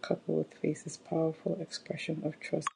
Coupled with faith is powerful expression of trust.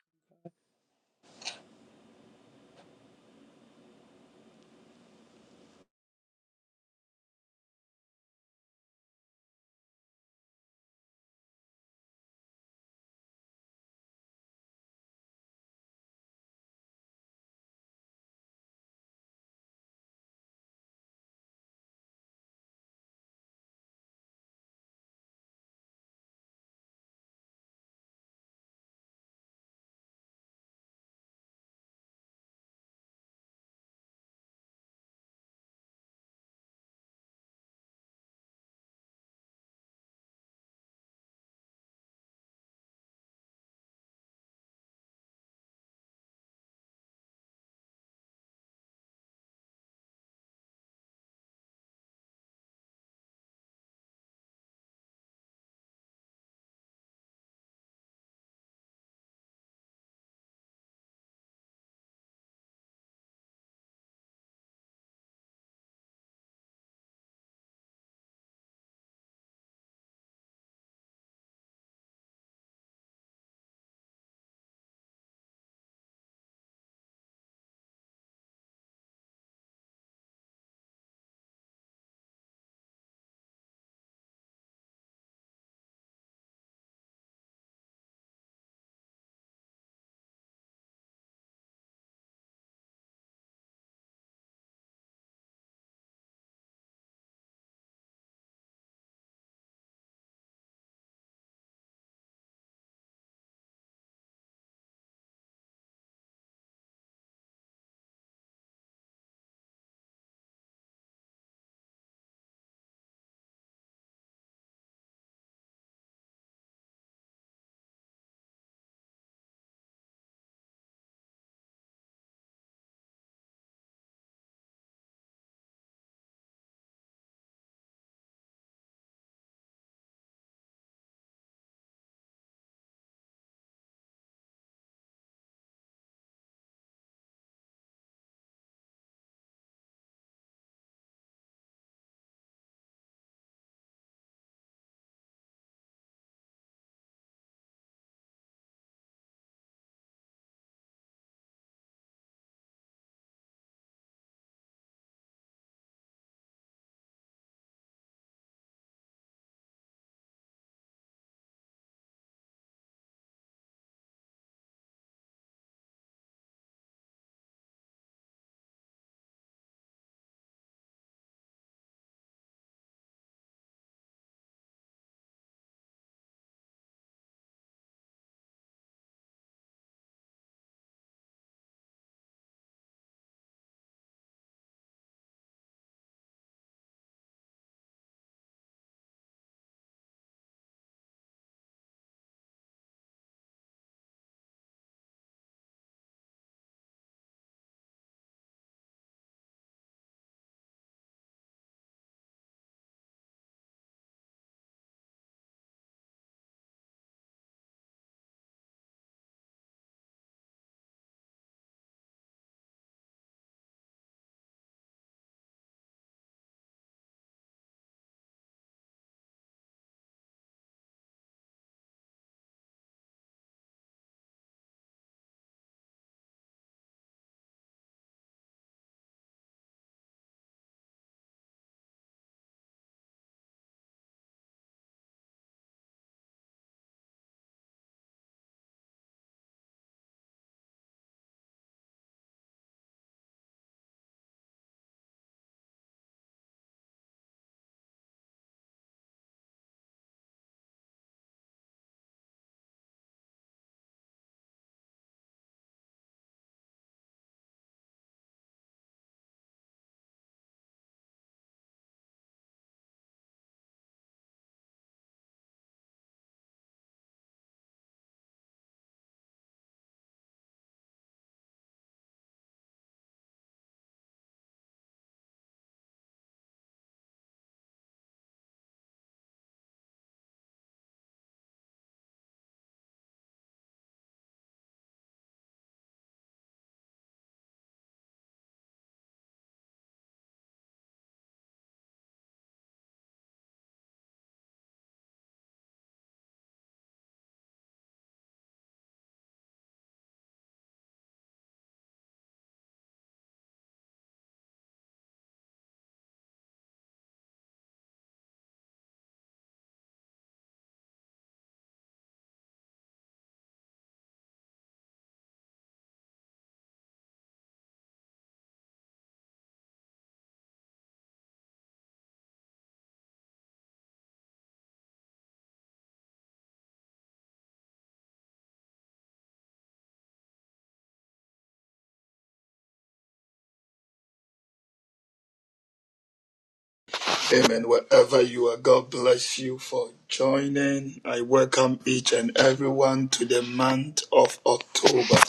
Amen. Wherever you are, God bless you for joining. I welcome each and everyone to the month of October.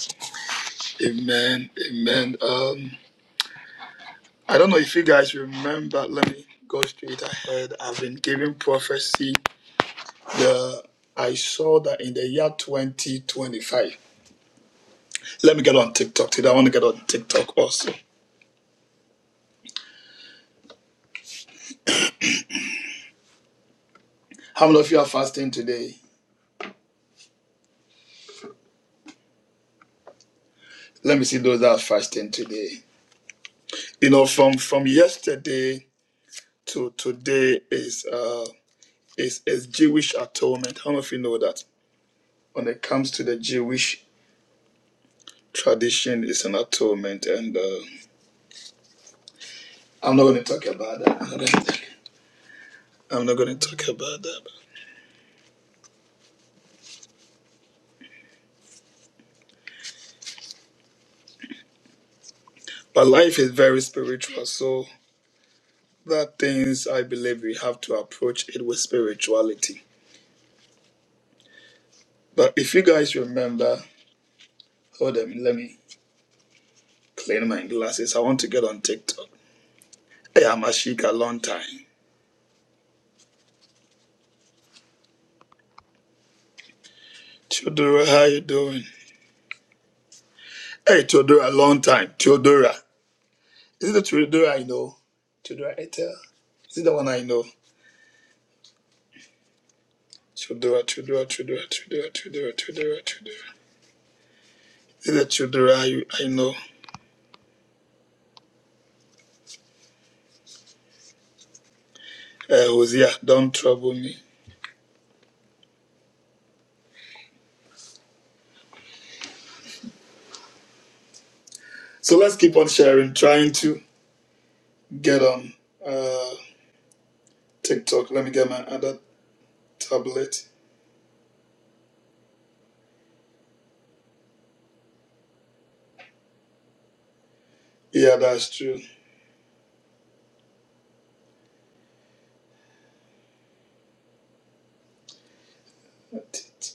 Amen. Amen. Um, I don't know if you guys remember. Let me go straight ahead. I've been giving prophecy. The I saw that in the year 2025. Let me get on TikTok today. I want to get on TikTok also. How many of you are fasting today? Let me see those that are fasting today. You know, from from yesterday. to today is uh is is Jewish atonement. How many of you know that? When it comes to the Jewish tradition, it's an atonement, and uh, I'm not going to talk about that. I'm not gonna- I'm not going to talk about that. But life is very spiritual, so there are things I believe we have to approach it with spirituality. But if you guys remember, hold on, let me clean my glasses. I want to get on TikTok. Hey, I'm Ashika, long time. Theodora, how you doing? Hey, Theodora, long time. Theodora. Is it the Trudora I know? Trudora Etel? Is it the one I know? Trudora, Trudora, Trudora, Trudora, Trudora, Trudora, Trudora. Is it the Trudora I, I know? Uh, Hosea, don't trouble me. So let's keep on sharing, trying to get on uh, TikTok. Let me get my other tablet. Yeah, that's true. That's it.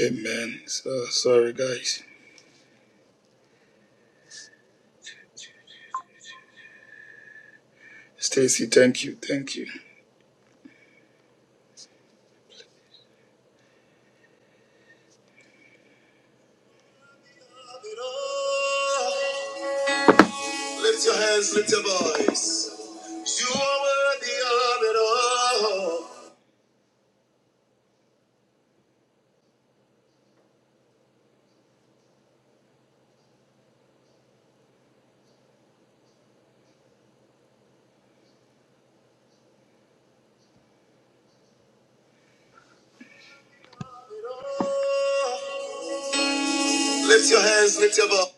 Amen. So sorry, guys. Stacy, thank you, thank you. Lift your hands, lift your voice. You are worthy of it all. Lift your hands, lift your voice.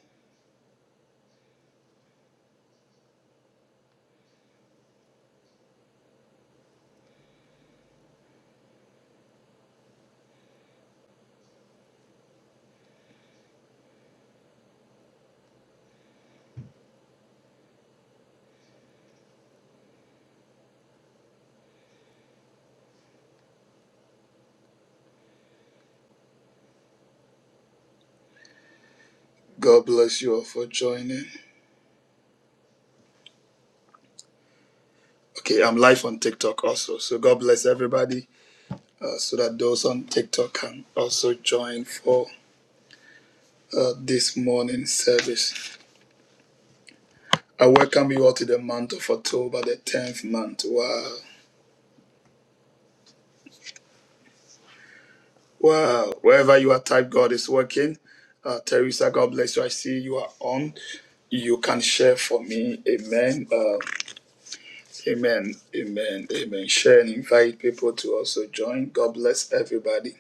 God bless you all for joining. Okay, I'm live on TikTok also. So God bless everybody uh, so that those on TikTok can also join for uh, this morning service. I welcome you all to the month of October, the 10th month. Wow. Well, wherever you are, type God is working. Uh, Teresa, God bless you. I see you are on. You can share for me. Amen. Uh, amen. Amen. Amen. Share and invite people to also join. God bless everybody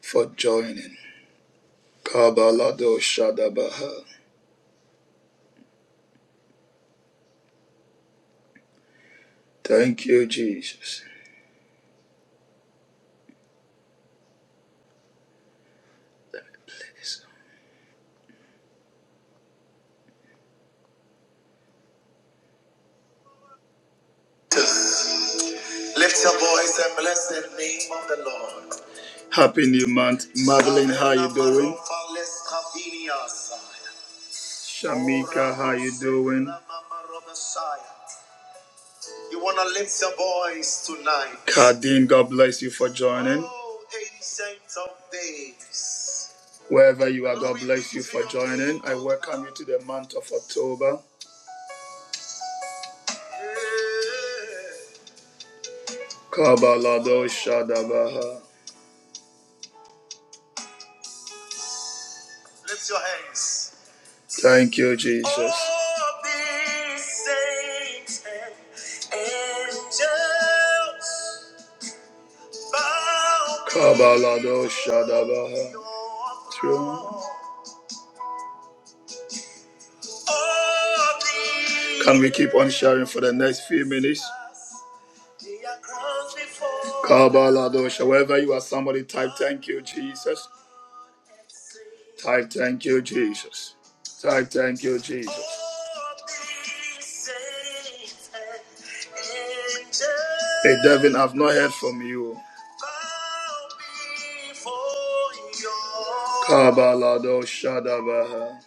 for joining. Kabalado Shadabaha. Thank you, Jesus. Lift your voice and bless the name of the Lord. Happy new month. Madeline, how you doing? Shamika, how you doing? You wanna lift your voice tonight. Kadeen, God bless you for joining. Oh, ancient of days. Wherever you are, God bless you for joining. I welcome you to the month of October. Kabalado Shadabaha. Lift your hands. Thank you, Jesus. Oh, be saints and angels. Kabalado Shadabaha. True. Can we keep on sharing for the next few minutes? Kabalado, wherever you are, somebody type, Thank you, Jesus. I thank you, Jesus. I thank you, Jesus. Hey, Devin, I've not heard from you. Kabalado Shadabaha.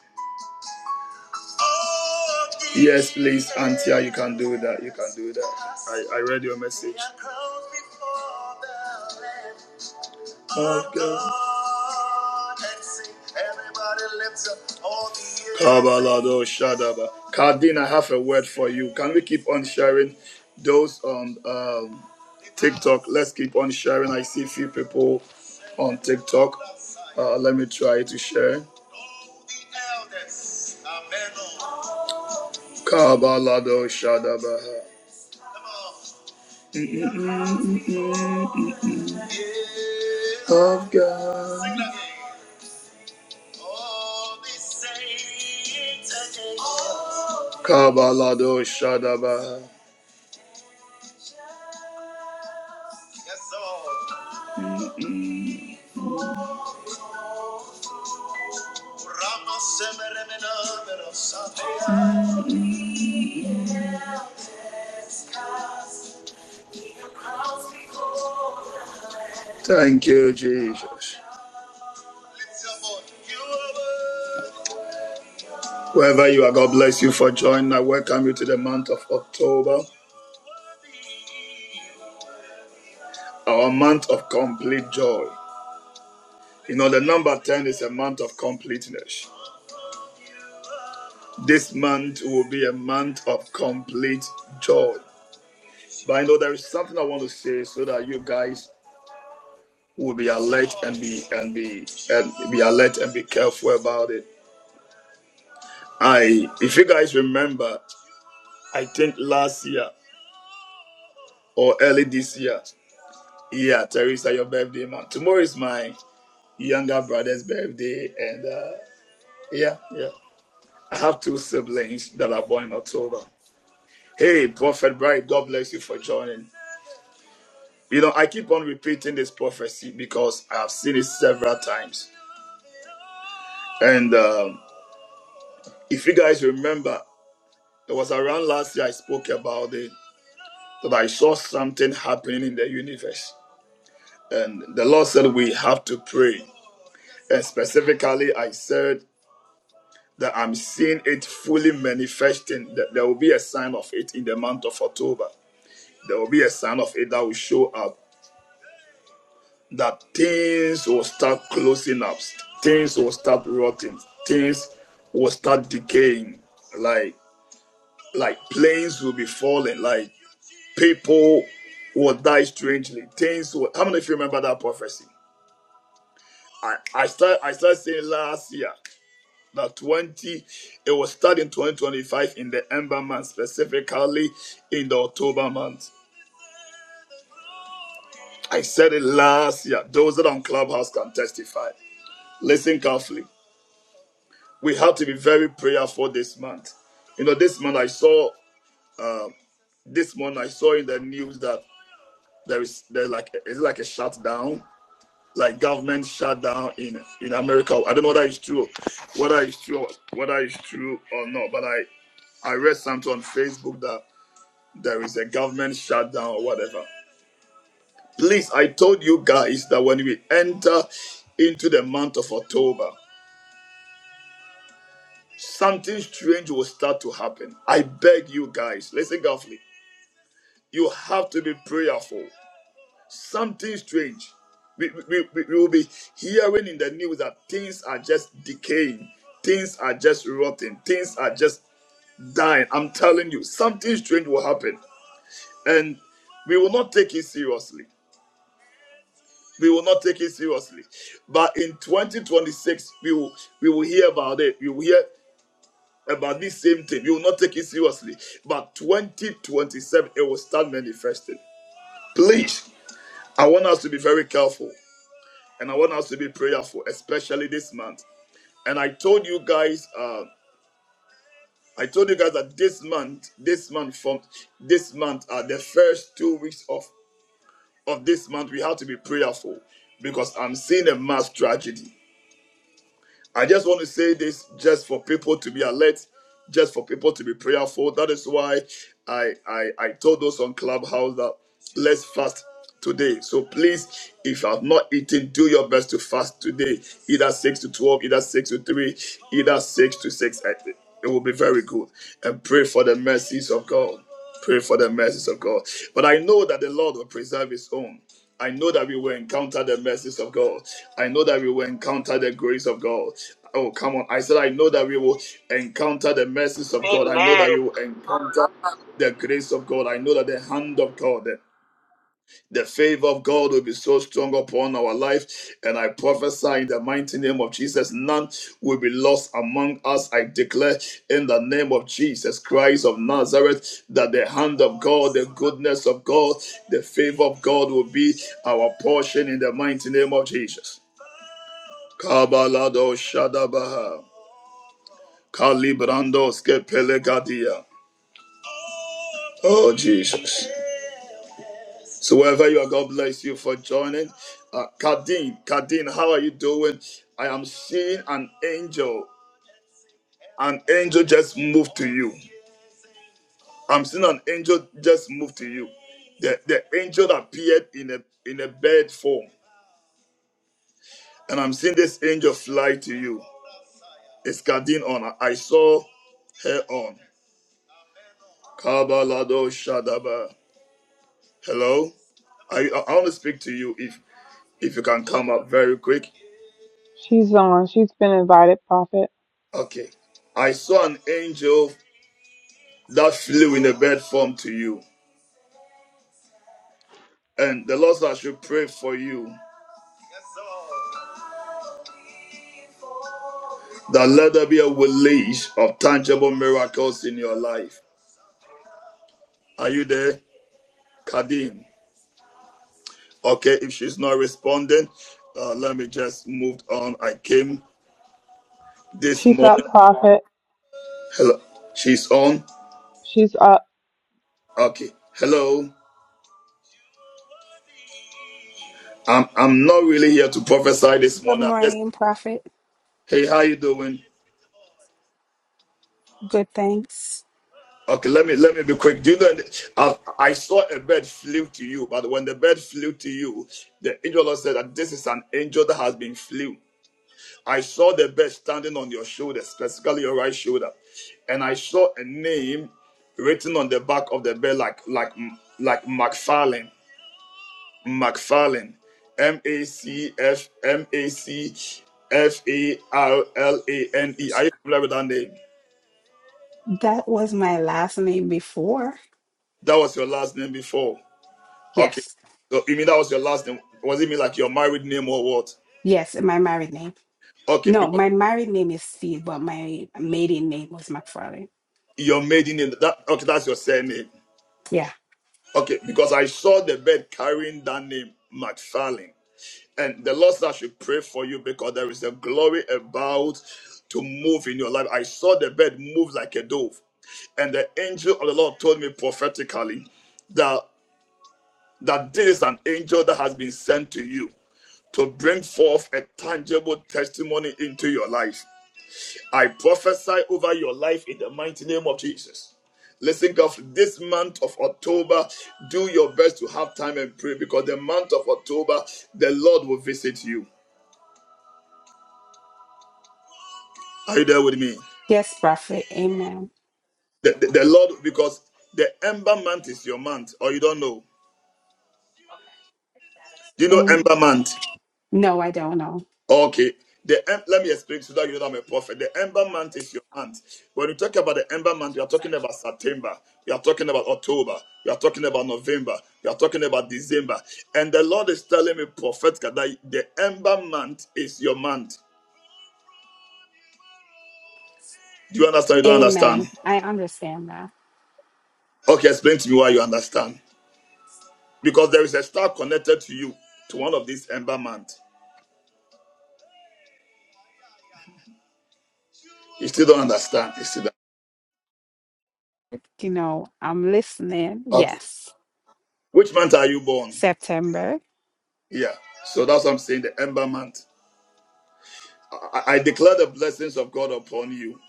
Yes, please, Antia, you can do that. You can do that. I, I read your message of God. Everybody lift up all the Kabalado Shadaba. Cardine, I have a word for you. Can we keep on sharing those on um, TikTok? Let's keep on sharing. I see few people on TikTok. Uh, let me try to share. Kabalado Shadaba. Of God. Kabalado Shadaba. Thank you, Jesus. Wherever you are, God bless you for joining. I welcome you to the month of October, our month of complete joy. You know, the number 10 is a month of completeness. This month will be a month of complete joy. But I know there is something I want to say so that you guys will be alert and be and be and be alert and be careful about it. I if you guys remember, I think last year or early this year, yeah, Teresa, your birthday month. Tomorrow is my younger brother's birthday and uh yeah, yeah. I have two siblings that are born in October. Hey, Prophet Bright, God bless you for joining. You know, I keep on repeating this prophecy because I have seen it several times. And um, if you guys remember, it was around last year I spoke about it that I saw something happening in the universe. And the Lord said we have to pray. And specifically, I said that I'm seeing it fully manifesting, that there will be a sign of it in the month of October. There will be a sign of it that will show up that things will start closing up, things will start rotting, things will start decaying, like like planes will be falling, like people will die strangely. Things will how many of you remember that prophecy? I, I start I started saying last year that 20 it was starting 2025 in the Ember month, specifically in the October month. I said it last year. Those that are on Clubhouse can testify. Listen carefully. we have to be very prayerful this month. You know, this month I saw this month I saw in the news that there is there's like it's like a shutdown, like government shutdown in in America. I don't know whether it's true, whether it's true, whether it's true or not. But I I read something on Facebook that there is a government shutdown or whatever. Please, I told you guys that when we enter into the month of October, something strange will start to happen. I beg you guys, listen carefully. You have to be prayerful. Something strange. We, we, we, we will be hearing in the news that things are just decaying, things are just rotting, things are just dying. I'm telling you, something strange will happen. And we will not take it seriously. We will not take it seriously. But in 2026, we will we will hear about it. We will hear about this same thing. We will not take it seriously. But 2027, it will start manifesting. Please, I want us to be very careful. and I want us to be prayerful, especially this month. And I told you guys, uh, I told you guys that this month, this month from this month, uh, the first two weeks of of this month, we have to be prayerful because I'm seeing a mass tragedy. I just want to say this just for people to be alert, just for people to be prayerful. That is why I I, I told those on Clubhouse that let's fast today. So please, if you have not eaten, do your best to fast today. Either six to twelve, either six to three, either six to six. I- It will be very good. And pray for the mercies of God. Pray for the mercies of God. But I know that the Lord will preserve his own. I know that we will encounter the mercies of God. I know that we will encounter the grace of God. Oh, come on. I said, I know that we will encounter the mercies of God. I know that we Amen. will encounter the grace of God. I know that the hand of God. the the favor of God will be so strong upon our life. And I prophesy in the mighty name of Jesus, none will be lost among us. I declare in the name of Jesus Christ of Nazareth that the hand of God, the goodness of God, the favor of God will be our portion in the mighty name of Jesus. Kabalado Shadabaha. Kalibrandos Kepelegadia. Oh, Jesus. So wherever you are, God bless you for joining. Uh, Kadeen, Kadeen, how are you doing? I am seeing an angel. An angel just moved to you. I'm seeing an angel just move to you. The, the angel appeared in a in a bird form, and I'm seeing this angel fly to you. It's Kadeen on. I saw her on. Kabalado Shadaba. Hello. I I want to speak to you if if you can come up very quick. She's on. She's been invited, Prophet. Okay. I saw an angel that flew in a bird form to you. And the Lord said, I should pray for you that let there be a release of tangible miracles in your life. Are you there, Kadim? Okay, if she's not responding, uh, let me just move on. I came this She's up, morning. Prophet. Hello, she's on. She's up. Okay, hello. I'm I'm not really here to prophesy this Good morning. I'm just morning, Prophet. hey, how you doing? Good thanks. Okay, let me let me be quick. Do you know? I, I saw a bird flew to you, but when the bird flew to you, the angel of the Lord said that this is an angel that has been flew. I saw the bird standing on your shoulder, specifically your right shoulder, and I saw a name written on the back of the bird, like like like McFarlane, McFarlane, M A C F M A C F A R L A N E. Are you familiar with that name? That was my last name before. That was your last name before. Okay. Yes. So you mean that was your last name? Was it mean like your married name or what? Yes, my married name. Okay, No, because my married name is Steed, but my maiden name was McFarlane. your maiden name. That okay, that's your surname. Yeah. Okay, because I saw the bed carrying that name, McFarlane. And the Lord said I should pray for you because there is a glory about to move in your life. I saw the bed move like a dove. And the angel of the Lord told me prophetically that that this is an angel that has been sent to you to bring forth a tangible testimony into your life. I prophesy over your life in the mighty name of Jesus. Listen, God, this month of October, do your best to have time and pray because the month of October, the Lord will visit you. Are you there with me? Yes, Prophet. Amen. The, the, the Lord, because the Ember month is your month, or you don't know. Do you know Amen. Ember month? No, I don't know. Okay. The em- let me explain so that you know that I'm a prophet. The ember month is your month. When you talk about the ember month, you are talking about September, you are talking about October, you are talking about November, you are talking about December. And the Lord is telling me prophetically that the ember month is your month. Do you understand? You don't understand? Amen. I understand that. Okay, explain to me why you understand. Because there is a star connected to you to one of these ember months. You still don't understand. You still don't. You know, I'm listening. Okay. Yes. Which month are you born? September. Yeah. So that's what I'm saying. The ember month. I, I declare the blessings of God upon you.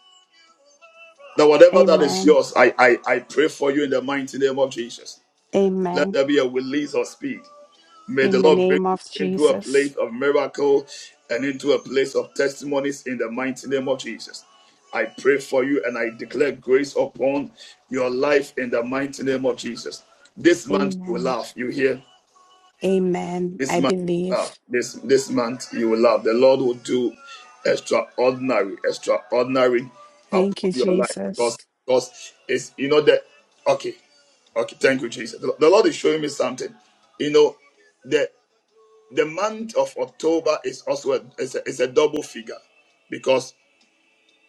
That whatever that is Amen. yours, I, I, I pray for you in the mighty name of Jesus. Let Amen. there be a release of speed. May the In the Lord bring name you of into a place Jesus. of miracle and into a place of testimonies in the mighty name of Jesus. I pray for you and I declare grace upon your life in the mighty name of Jesus. This month you will Amen. laugh. You hear? Amen. This I month, you believe. this this month you will love. The Lord will do extraordinary, extraordinary Thank upon you, your life Jesus. because because it's you know that okay, okay. Thank you, Jesus. The, the Lord is showing me something. You know, the the month of October is also a, is a, is a double figure because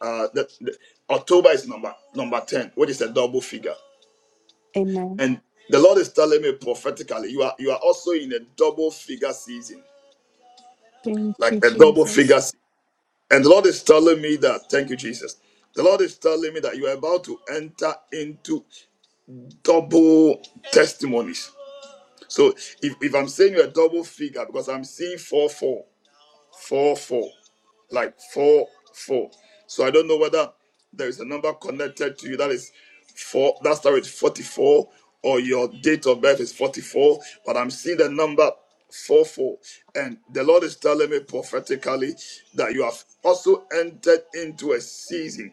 uh the, the October is number number ten, which is a double figure, Amen. and the Lord is telling me prophetically, you are you are also in a double figure season Thank you, like a double Jesus. figure. And the Lord is telling me that, thank you, Jesus. The Lord is telling me that you are about to enter into double testimonies. So if, if I'm saying you're a double figure, because I'm seeing four, four, four, four like four four. So I don't know whether there is a number connected to you that is four that starts with 44 or your date of birth is 44, but I'm seeing the number four four. And the Lord is telling me prophetically that you have also entered into a season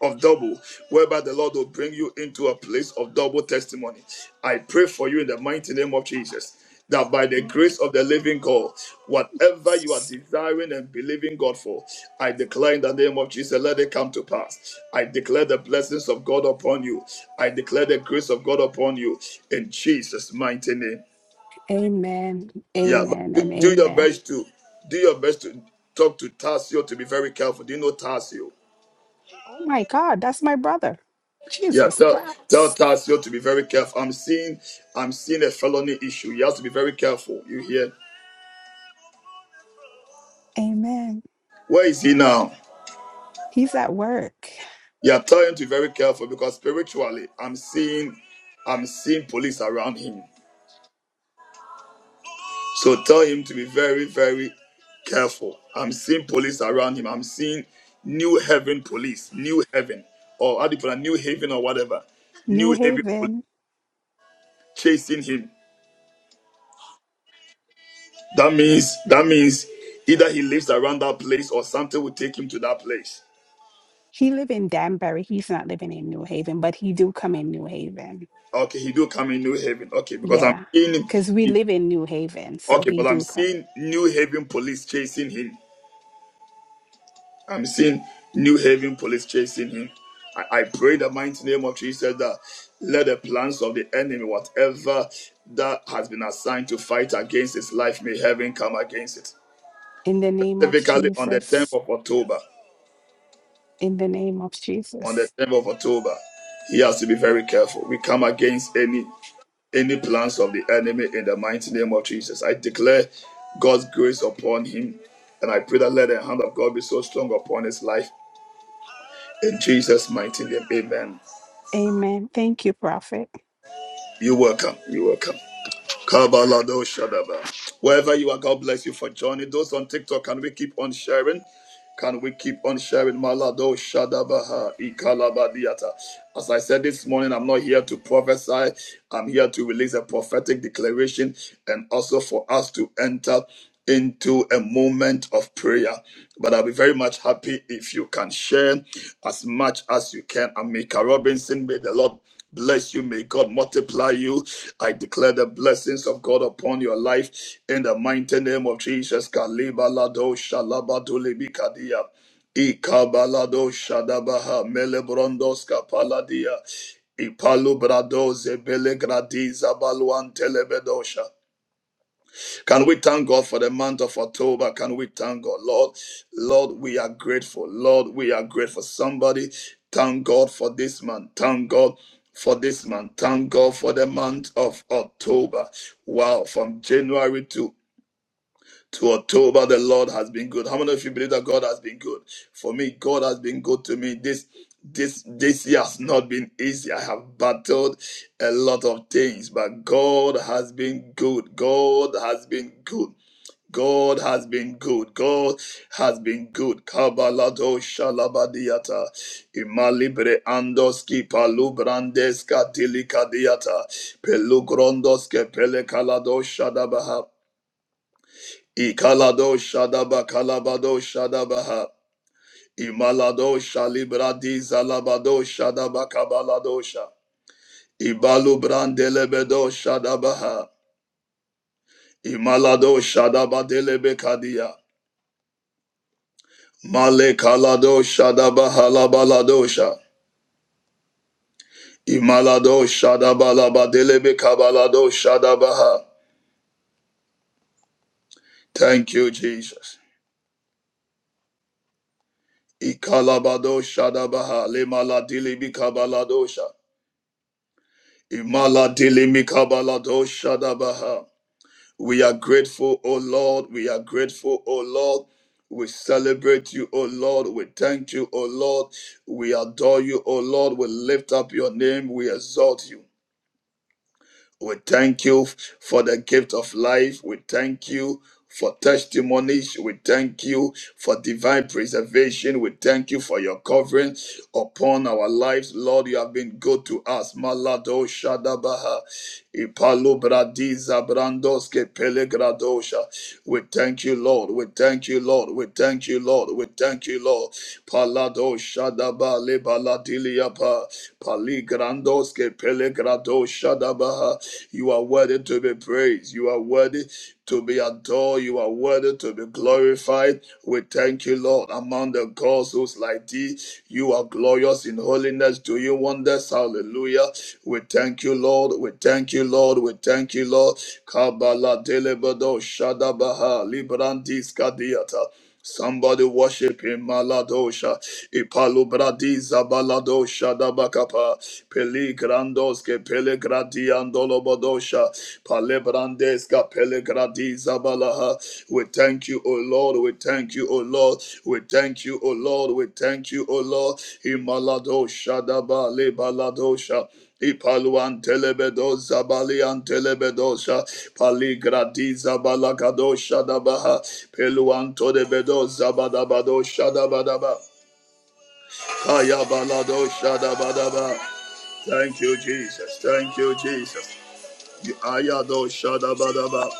of double, whereby the Lord will bring you into a place of double testimony. I pray for you in the mighty name of Jesus. That by the Thank grace of the living God, you, whatever you are Jesus. desiring and believing God for, I declare in the name of Jesus, let it come to pass. I declare the blessings of God upon you. I declare the grace of God upon you in Jesus' mighty name. Amen. Yeah, but Amen do, and do your amen. best to do your best to talk to Tarsio to be very careful. Do you know Tarsio? Oh my God, that's my brother. Yeah, Jesus tell tell Christ. Tasio to be very careful. I'm seeing I'm seeing a felony issue. He has to be very careful. You hear? Amen. Where is he now? He's at work. Yeah, tell him to be very careful because spiritually I'm seeing I'm seeing police around him. So tell him to be very, very careful. I'm seeing police around him. I'm seeing new Haven police, new Haven, or how do you put it, new haven or whatever. New New haven police Haven. chasing him. That means that means either he lives around that place or something will take him to that place. He live in Danbury. He's not living in New Haven, but he do come in New Haven. Okay, he do come in New Haven. Okay, because I'm Yeah. seeing him. Cause we In, live in New Haven. So okay, he but I'm do come. seeing New Haven police chasing him. I'm seeing New Haven police chasing him. I, I pray the mighty name of Jesus that let the plans of the enemy, whatever that has been assigned to fight against his life, may heaven come against it. In the name of Specifically on the 10th Jesus. of October. In the name of on the Jesus. 10th of October. He has to be very careful. We come against any any plans of the enemy in the mighty name of Jesus. I declare God's grace upon him, and I pray that let the hand of God be so strong upon his life. In Jesus' mighty name, Amen. Amen. Thank you, Prophet. You are welcome. You are welcome. Kabalado Shadaba. Wherever you are, God bless you for joining. Those on TikTok, can we keep on sharing? Can we keep on sharing? Malado Shadabaha Ikalabadiata. As I said this morning, I'm not here to prophesy. I'm here to release a prophetic declaration and also for us to enter into a moment of prayer. But I'll be very much happy if you can share as much as you can. I'm Mika Robinson. May the Lord bless you. May God multiply you. I declare the blessings of God upon your life in the mighty name of Jesus. Kaliba lado shalabado libikadia. Ikabalado shadabaha melebrondoska paladia. Ipalu brado zebele gradi zabaluan telebedosha. Can we thank God for the month of October? Can we thank God? Lord, Lord, we are grateful. Lord, we are grateful. Somebody, thank God for this month. Thank God for this month. Thank God for the month of October. Wow, from January to to October, the Lord has been good. How many of you believe that God has been good? For me, God has been good to me. This this this year has not been easy. I have battled a lot of things, but God has been good. God has been good. God has been good. God has been good. Kabalado shalabadiata. Imalibre andoski palubrandeska tilikadiata. Pelugrondoske pelekalado shadabaha. Ikalado Shadaba Kalabado Shadabaha. Imalado Shalibradi Zalabado Shadaba Kabaladosha. Ibalu Brandelebedo Shadabaha. Imalado Shadaba Delebekadia. Male Kalado Shadaba Halabaladosha. Imalado Shadaba Labadelebe Kabalado Shadabaha. Thank you, Jesus. Ikalabado Shadabaha. Lemaladilibi Kabaladosha. Imaladili mikabalado shadabaha. We are grateful, O Lord. We are grateful, O Lord. We celebrate you, O Lord. We thank you, O Lord. We adore you, O Lord. We lift up your name. We exalt you. We thank you for the gift of life. We thank you for testimonies. We thank you for divine preservation. We thank you for your covering upon our lives. Lord, you have been good to us. Malado Shadabaha. Ipalo Bradiza Brandoske Pelegradosha. We thank you, Lord. We thank you, Lord. We thank you, Lord. We thank you, Lord. Palado Shadaba lebaladiliapa Pa. Roske Pelegrado Shadabaha. You are worthy to be praised. You are worthy to be adored. You are worthy to be glorified. We thank you, Lord. Among the gods who's like thee, you are glorious in holiness. Do you wonders? Hallelujah. We thank you, Lord. We thank you, Lord. We thank you, Lord. Kabbalah Delebado Shadabaha Librandis Kadiata. Somebody worship him, Maladosha, Ipalubradiza Baladosha Dabakapa, Peligrandoske, Pelegradiandolobodosha, Palebrandeska, Pelegradiza Balaha. We thank you, O Lord, we thank you, O Lord, we thank you, O Lord, we thank you, O Lord, Imaladosha Dabale Baladosha. Ipaluan telebedos zabalian telebedosha paligradiza balakadosha dabaha peluan todebedos zabadabadosha dabadaba kaya baladosha dabadaba. Thank you, Jesus. Thank you, Jesus. Ayadosha dabadaba.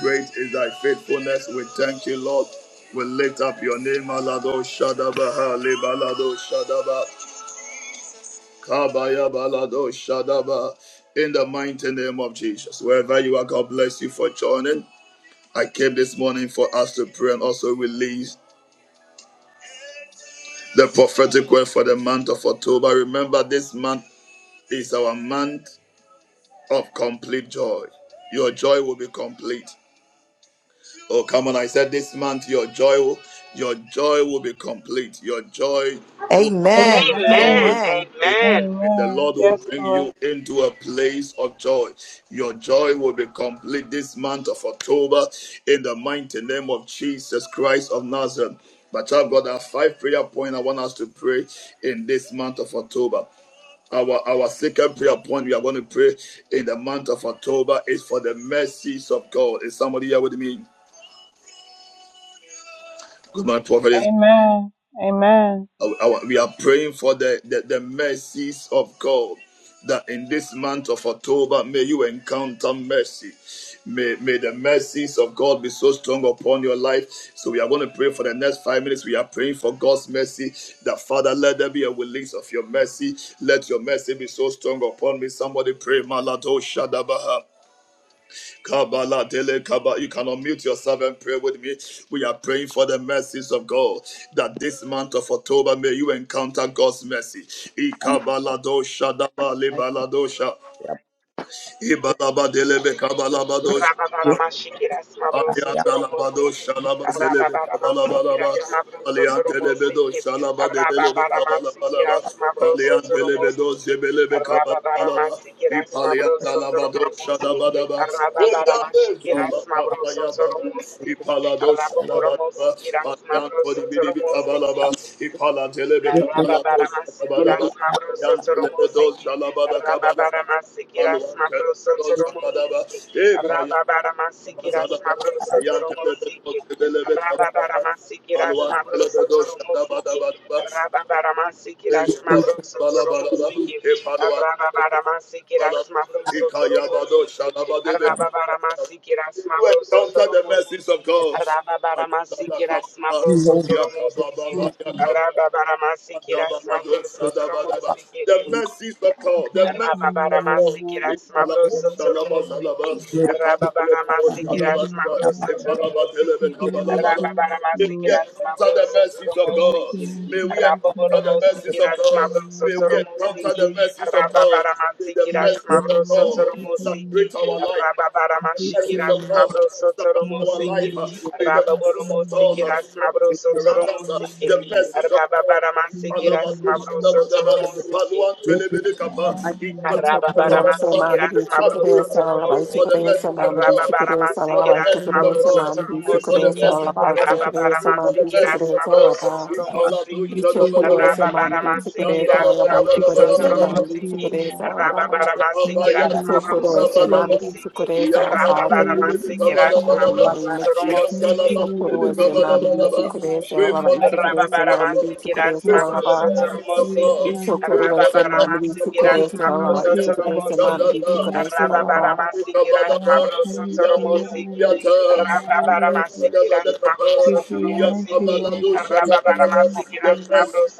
Great is thy faithfulness. We thank you, Lord. We lift up your name, Alado Shadaba, Lebalado Shadaba. Kabaya balado shadaba. In the mighty name of Jesus. Wherever you are, God bless you for joining. I came this morning for us to pray and also release the prophetic word for the month of October. Remember, this month is our month of complete joy. Your joy will be complete. Oh, come on. I said this month your joy will your joy will be complete. Your joy will be complete Amen. Amen. Amen. Joy Amen. is Amen. and the Amen. Lord will Yes, bring Lord. you into a place of joy. Your joy will be complete this month of October in the mighty name of Jesus Christ of Nazareth. But I've got our five prayer point I want us to pray in this month of October. Our our second prayer point we are going to pray in the month of October is for the mercies of God. Is somebody here with me? my prophet is Amen. Amen. I- I- we are praying for the, the, the mercies of God that in this month of October may you encounter mercy. May, may the mercies of God be so strong upon your life. So we are going to pray for the next five minutes. We are praying for God's mercy. That Father, let there be a release of your mercy. Let your mercy be so strong upon me. Somebody pray. Malado Shadabaha. Kabbalah, Dele Kabbalah. You can unmute yourself and pray with me. We are praying for the mercies of God that this month of October may you encounter God's mercy. I Kabbalah dosha daba le baladosha. Aliandalabado Rababaramashikerasmabrosotoromosekeke. Shalaba Zelebe Kabalabalaba. Aliantelebedo Shalaba Debelebe Kabalabalaba. Aliantelebedo Zebelebe Kabalabalaba. Ipaliandalabado Shadabadaba. Eliande Zabakapaya Baba. Ipalado Shadabadaba. Paliantoni Bidibi Kabalaba. Ipalantelebe Rabba Kabalado Baramasi Kiras Shadabadaba. Mabroso Yantelebedo Shalabada Kabalaba. Paluantelebedo Shabadaba you encounter Toromosiki, Rababaramasiki rasmabroso toromosiki. Rababaramasiki rasmabroso the mercies toromosiki. of Rababaramasiki rasmabroso toromosiki. God. Rababaramasiki The rasmabroso toromosiki. mercies of God, the mercies Rababaramasiki, Rababaramasiki, Rasmabroso, Toromosiki, Rababaramasiki, Rasmabroso, Toromosiki, Raboboromosiki, of God. Rasmabroso, May we encounter Toromosiki, the mercies of God. May we encounter the mercies of God. May we encounter the mercies of God. May the Rababaramasiki, mercies of Rasmabroso, God Toromosiki, saturate our life the Rababaramashiki, presence of God Rasmabroso, surround our Mercy, life. Toromosiki, uh, May the presence of God Raboboromosiki, Rasmabroso, uh, around us. uh, Toromosiki, The presence of God. Pray for Rababaramasiki, the message of Rasmabroso, God. Pray for the Toromosiki, message of God. Rabba Mamma, so Rabba Koro is a Pray for the message of God. Pray for the message of God. If Allah do Pray for the blessings of mammy to Koresa of Mercy, God and Lord, mercies of mercy, God in the name of Jesus. Rabba So Lord, Koro is a mercy, mammy Lord, to in our Koresa, Shani a mammy to Yala Koresa, a mammy God. to Rababaramasiki, that's Pray my for the Koresa, brusa Rakashani blessings of Yasari toromosiki. God. Pray for Ishokorose the Rakashani. mamri blessings of Rababaramasiki, Because God. that's of sukurese my the alaba. brusa mercy of Ishokorose God, Lord, toromosiki. mamri your sukurese mercy, Lord. alaba. Ayatoshadada. Rababaramasiki, that's Rakashani Yasari Kabadaba. toromosiki. Rakashani Yatoyata. The best Rakashani. Rababaramasiki, that's Thank you for your mercy, toromosiki. Lord. Thank you for your Rababaramasiki, mercy, that's Lord.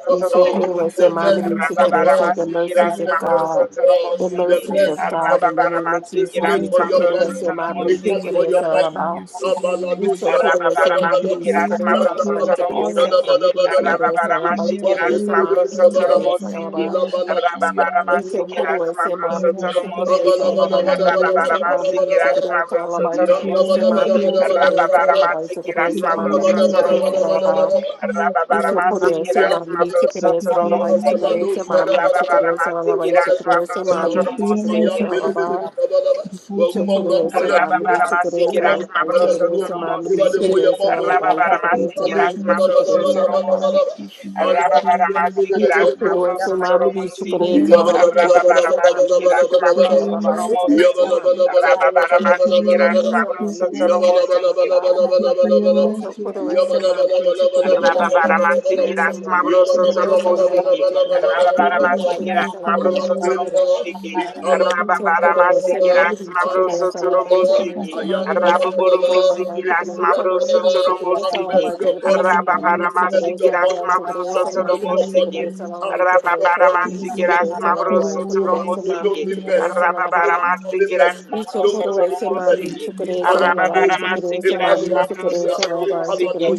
of God, Thank you Ishokorose for toromosiki. the your best mamri mercy, of Lord. I sukurese. God, The Rababaramasiki, the worship mercies that's you, of I best of love you, God. God, I will worship The you, I the toromosiki. serve mercies you, of best I God love of in the God. name of We you. Rababaramasiki, Jesus. pray I that's love for you, your I serve Ishokorose mercy. you, I serve you, We I mamri love you, ask toromosiki. for your sukurese mercy. alaba. Kabalado Rabba Ishokorose Thank you shadabadabadaba. mamri for your sukurese mercy, alaba. O Yandalabado Ishokorose Father. mamri shadabadabadaba. sukurese Yedidashani alaba. Ipapwa Ishokorose Yasariya kebelebe mamri kabalaba. sukurese Urvashani Yara alaba. Ilabalatu Urvashani Yara Ito yatariya. kuru ese mami di Yavashani Pray for chukure sa Yasari the Yara lavai chukure se Urvashani mami di Yara chukure sa Thank lavai you for chukure your se mami mercy, di O Father. chukure sa lavai Thank chukure you se for mami your di chukure mercy, sa O lavai Urvashani Yasari Ito Yara kuru Uru. ese mami di Thank chukure you for sa your lavai chukure mercy, se mami Father. di chukure sa lavai chukure blessings se of Thank God. mami you di for your chukure Rabba Maya, sa mercy, dele, dele, Jesus. lavai dele, ba, ba, ba. Wa Ito Urvashani huma bra, kuru Yasari ese taya, Yara mami di chukure wa Rababaramasiki sa huma Urvashani bra, lavai Yasari taya, Yara Rasmabroso chukure so. se mami di Urvashani Eba de Toromosiki, Yara muya, chukure Yara sa ma, bo. lavai chukure se Eba Rababaramasiki do, mami sha, di Yedidashani da, ba, da, Rasmabroso Yasari chukure ba, da, sa Yara ba, da, lavai ba, da. Toromosiki, Urvashani Alwa, Yasari Yara dele, dele, Rababaramasiki dele, dele, Urvashani Yara bo. Rasmabroso Chukadesa, Mama be Thank you for Toromosiki, your Chukadesa, Lama mercy, Father. Chukadesa, Mama be Rababaramasiki Thank you Chukadesa, for Rasmabroso your Lama mercy, Chukadesa, Toromosiki, Mama Father. be Chukadesa, Thank Lama you for Rababaramasiki your Chukadesa, mercy, Mama Rasmabroso be Father. Chukadesa, Toromosiki, Lama Thank you for your mercy, Father. Chukadesa, Mama be Yere Chukadesa, Lama başın yasır Rababaramasiki, Chukadesa, that's yere Mama be başın Mabroso yere Chukadesa, Lama Chukadesa, yere. Lama Toromosiki. Chukadesa, Yere başın Rababaramasiki, Lama that's yasır Chukadesa, Mabroso yere yere başın Toromosiki. yasır yere yere Yabba if Socorro, başın se Rababaramasiki, yere yere. mami that's Yere dice que Mabroso eres alabanza, que eres Toromosiki. başın yere mami yere dice que eres başın yere. Rabuboromosiki, alabanza, que Yere that's eres mami Mabroso dice que eres Toromosiki. alabanza, que başın eres yasır mami yere dice que yere eres Rababaramasiki, that's alabanza, que Mabroso eres başın mami yere yere. Yere başın yasır yere yere dice başın que Toromosiki. eres alabanza, que eres mami Rababaramasiki, dice que that's eres Mabroso alabanza, que eres mami Toromosiki. dice que yere eres yere başın Rababaramasiki, yere yere. that's Mabroso Thank Toromosiki. you, Rababaramasiki, that's Mabroso Toromosiki.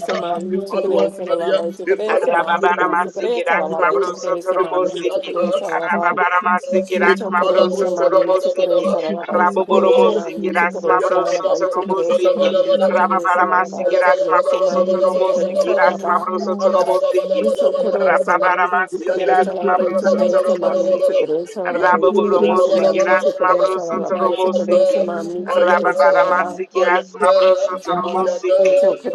If Arababara If masiki rasma mabroso toro mosiki. Jesus. Arababara Thank you masiki for your das mercy, Isokorosa mabroso Lord. toro mami, Thank you, Jesus, for your mercy, Lord. mosiki. Thank isokorosa you, lalaba, Jesus, for Raboboro your mercy, Lord. Thank you for your isokorosa mami, mosiki mercies, das Lord. isokorosa mabroso lalaba, toro Thank you isokorosa mosiki. mami, isokorosa Rababara lalaba, masiki das isokorosa mabroso mami, toro isokorosa mosiki das lalaba. mabroso toro mosiki. Isokorosa mami, Rababara masiki isokorosa das lalaba, for your mabroso toro isokorosa mercies, mami, Lord. mosiki. isokorosa lalaba, Raboboro Thank isokorosa mosiki mami, das isokorosa lalaba, isokorosa mami, you for your Ayata, isokorosa lalaba. mercies, ayata, Lord.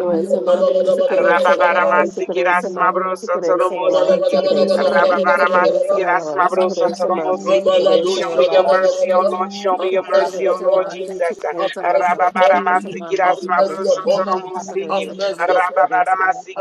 Thank you. mami, ayata, isokorosa lalaba, Rababaramasi isokorosa mami, Rasmabroso have isokorosa mercy lalaba, Toromosiki. isokorosa mami, Rababaramasi isokorosa lalaba, Rasmabroso isokorosa mami, Toromosiki. isokorosa Show me your lalaba. mercy, O Lord. Show me Mamma, your mercy, O upon Lord us. Jesus. Rababaramasi Rasmabroso Have Toromosiki. mercy Rababaramasi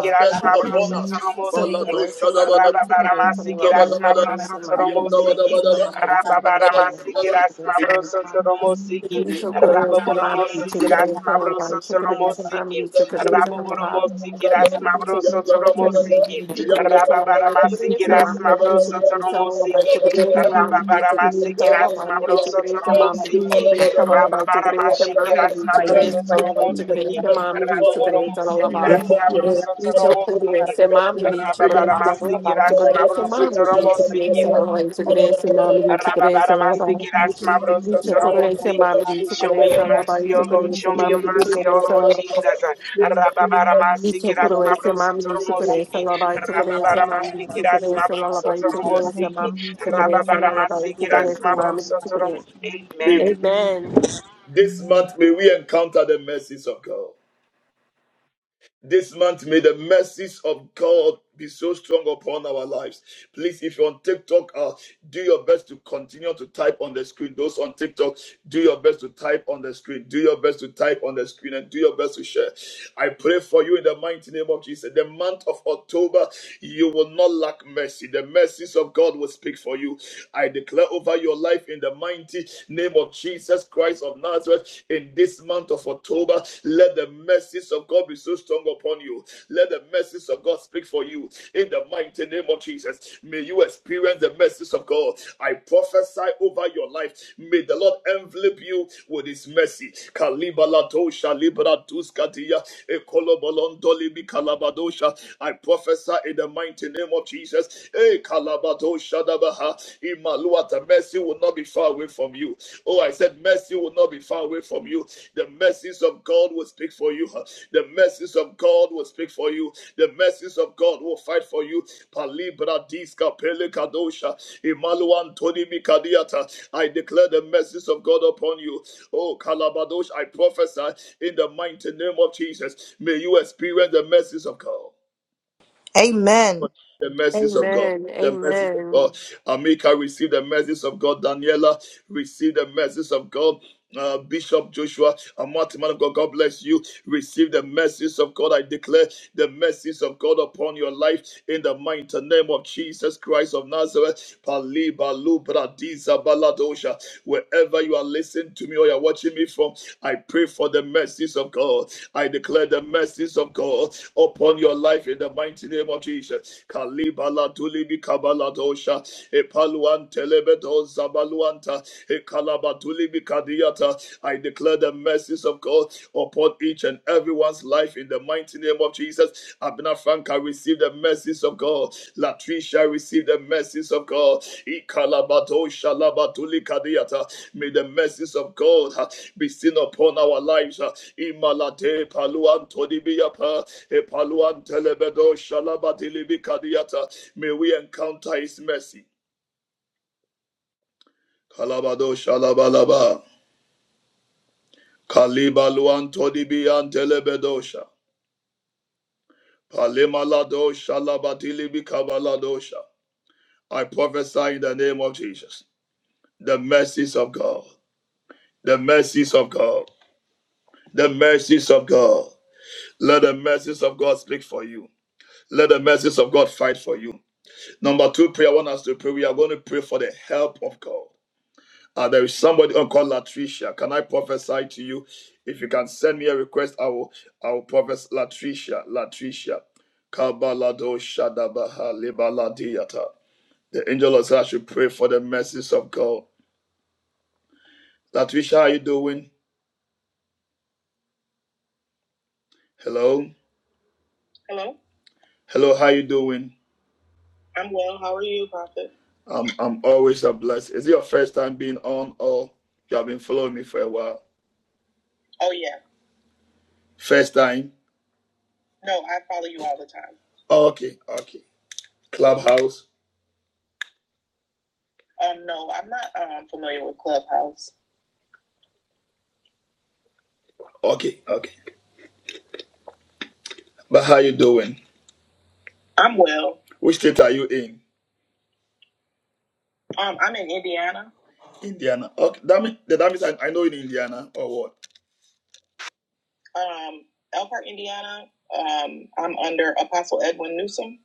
upon Rasmabroso us. Toromosiki. Balado shadabada. Rababaramasi Rasmabroso Toromosiki. Rababaramasi Rasmabroso Toromosiki. Raboboromosiki, that's Mabrosotolomosiki, Raboboromosiki, that's Reach a quarter and say, Thank Mabrosotolomosiki, Mammy, you. took it as a rabbi, took Thank it you Rababaramasiki, as for a your that's mammy, mercy, Lord Jesus. Mabrosotolomosiki, Thank you for your mercy, Lord Rababaramasiki, that's Jesus. Thank you for your Mabrosotolomosiki, mercy, Lord Jesus. Rababaramashiki, that's Thank you for your mercy, Lord Mabrosotolomosiki, Jesus. Thank you for Raboboromosiki, your that's mercy, Lord Jesus. Mabrosotolomosiki, Thank you for your mercy, Lord Rababaramasiki, Jesus. that's Thank you for Mabrosotolomosiki, your mercy, Lord Jesus. Thank you for your mercy, Lord Jesus. Rababaramastikirasmavrosotoromotsiki. Show me your Thank you mercy, for O took your Lord. Show mercy, me your Lord mercy, it Jesus. O as a Lord rabbi. Jesus. Wash me and you will wash Ito me. kuru ese mami ni sukure ese Rababaramasikirasmavrosotoromotsiki. Lord, you laba ito me. kuru ese Lord, mami wash ni me. sukure ese laba ito kuru ese Rababaramasikirasmavrosotoromotsiki. mami Vikavasham ni sukure ese Vipiyaro laba ito kuru Vishamita ese mami ni Rababaramasikirasmavrosotoromo- sukure. Vudvashana Amen. Sayaro. Amen. This Amen. month may we encounter the mercies of God. This month, may the mercies of God be so strong upon our lives. Please, if you're on TikTok, uh, do your best to continue to type on the screen. Those on TikTok, do your best to type on the screen. Do your best to type on the screen and do your best to share. I pray for you in the mighty name of Jesus. The month of October, you will not lack mercy. The mercies of God will speak for you. I declare over your life in the mighty name of Jesus Christ of of Nazareth, in this month of October, let the mercies of God be so strong upon you. Let the mercies of God speak for you. In the mighty name of Jesus, may you experience the mercies of God. I prophesy over your life. May the Lord envelop you with His mercy. I prophesy in the mighty name of Jesus. Eh, Imaluata, mercy will not be far away from you. Oh, I said, mercy will not be far away from you. The mercies of God will speak for you. huh? The mercies of God will speak for you. The mercies of God will fight for you. Palibra diska pele kadosha, Imalu Antoni Mikadiata. I declare the mercies of God upon you. Oh, Kalabadosh, I prophesy in the mighty name of Jesus. May you experience the mercies of God Amen. the mercies of God. Amen. The mercies of Amen. God. Amika, receive the mercies of God. Daniela, receive the mercies of God uh, Bishop Joshua, a mighty man of God, God bless you. Receive the mercies of God. I declare the mercies of God upon your life in the mighty name of Jesus Christ of Nazareth. Pali balu bradiza baladosha. Wherever you are listening to me or you're watching me from, I pray for the mercies of God. I declare the mercies of God upon your life in the mighty name of Jesus. Kalibala tulibi kabaladosha. Epaluan telebedo zabalu I declare the mercies of God upon each and everyone's life in the mighty name of Jesus. Abna Franca receive the mercies of God. Latricia receive the mercies of God. Ikalabato Shalabatuli Kadiata. May the mercies of God uh, be seen upon our lives. uh, Imalate Paluan Todibiapa Epaluan Telebedo Shalabatili Kadiata. May we encounter his mercy. Kalabado Shalabalaba. Kaliba luanto di antelebedosha. Palema labatili bikabaladosha. I prophesy in the name of Jesus. The mercies of God. The mercies of God. The mercies of God. Let the mercies of God speak for you. Let the mercies of God fight for you. Number two prayer, I want us to pray. We are going to pray for the help of God. Uh, there is somebody called Latricia. Can I prophesy to you? If you can send me a request, I will I will prophesy Latricia. Latricia. Kabalado Shadabaha Libaladiata. The angel of God should pray for the mercies of God. Latricia, how are you doing? Hello. Hello. Hello, how are you doing? I'm well. How are you, Prophet? I'm I'm always a blessed. Is it your first time being on or you have been following me for a while? Oh yeah. First time? No, I follow you all the time. Oh, Okay, okay. Clubhouse. Um, no, I'm not um, familiar with Clubhouse. Okay, okay. But how you doing? I'm well. Which state are you in? Um, I'm in Indiana. Indiana. Okay, that means that means I, I know in Indiana or what? Um, Elkhart, Indiana. Um, I'm under Apostle Edwin Newsom.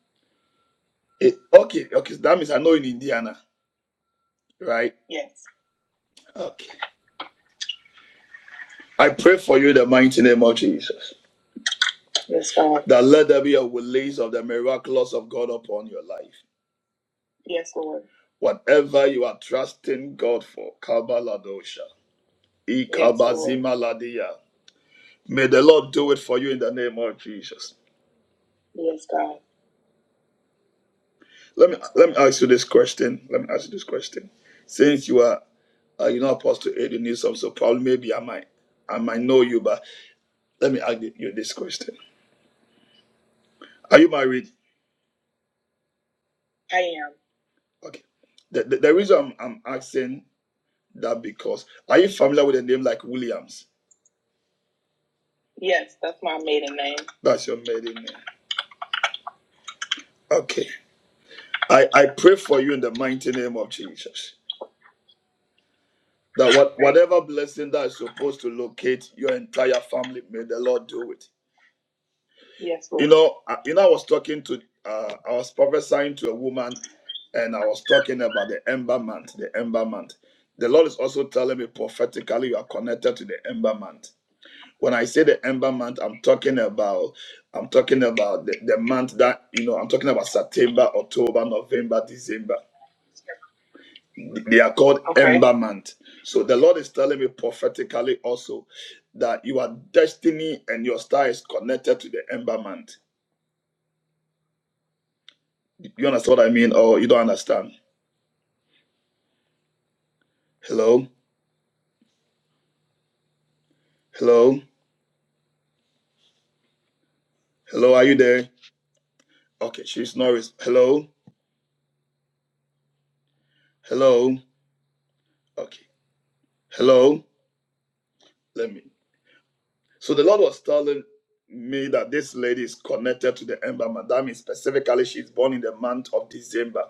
Eh, okay, okay. So That means I know in Indiana, right? Yes. Okay. I pray for you in the mighty name of Jesus. Yes, God. That let there be a release of the miraculous of God upon your life. Yes, Lord. Whatever you are trusting God for, Kabaladosha, Yes, Lord. Ikabazimaladia. May the Lord do it for you in the name of Jesus. Yes, God. Let me let me ask you this question. Let me ask you this question. Since you are uh, you know Apostle Aiden Newsom, so probably maybe I might I might know you, but let me ask you this question. Are you married? I am. Okay. The, the, the reason I'm, I'm asking that because are you familiar with a name like Williams? Yes, that's my maiden name. That's your maiden name. Okay. I, I pray for you in the mighty name of Jesus. That what, whatever blessing that is supposed to locate your entire family, may the Lord do it. Yes, Lord. You know, I, you know, I was talking to, uh, I was prophesying to a woman, and I was talking about the ember month, the ember month. The Lord is also telling me prophetically you are connected to the ember month. When I say the ember month, I'm talking about I'm talking about the, the month that you know I'm talking about September, October, November, December. They are called Okay. ember month. So the Lord is telling me prophetically also that your destiny and your star is connected to the ember month. You understand what I mean? Or you don't understand? Hello? Hello? Hello, are you there? Okay, she's not. res- Hello? Hello? Okay. Hello? Let me. So the Lord was telling me that this lady is connected to the Ember Madame. Specifically, she's born in the month of December.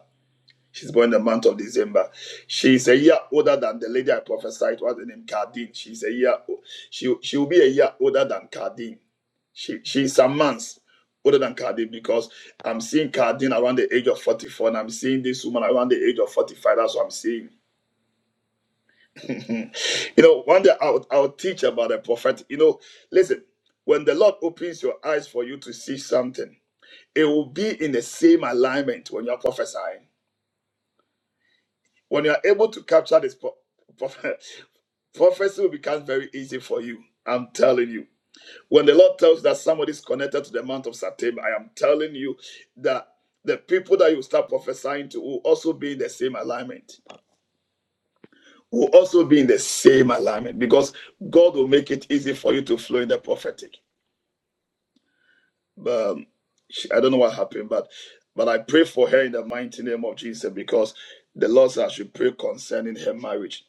She's born in the month of December. She's a year older than the lady I prophesied. What's the name? Cardine. She's a year. She she will be a year older than Cardine. She she's some months older than Cardine because I'm seeing Cardine around the age of 44, and I'm seeing this woman around the age of 45. That's what I'm seeing. you know, one day I'll, I'll teach about a prophet. You know, listen, when the Lord opens your eyes for you to see something, it will be in the same alignment when you're prophesying. When you're able to capture this pro- prophet, prophecy will become very easy for you. I'm telling you. When the Lord tells that somebody is connected to the month of September, I am telling you that the people that you start prophesying to will also be in the same alignment. will also be in the same alignment because God will make it easy for you to flow in the prophetic. Um, I don't know what happened, but but I pray for her in the mighty name of Jesus because the Lord said I should pray concerning her marriage.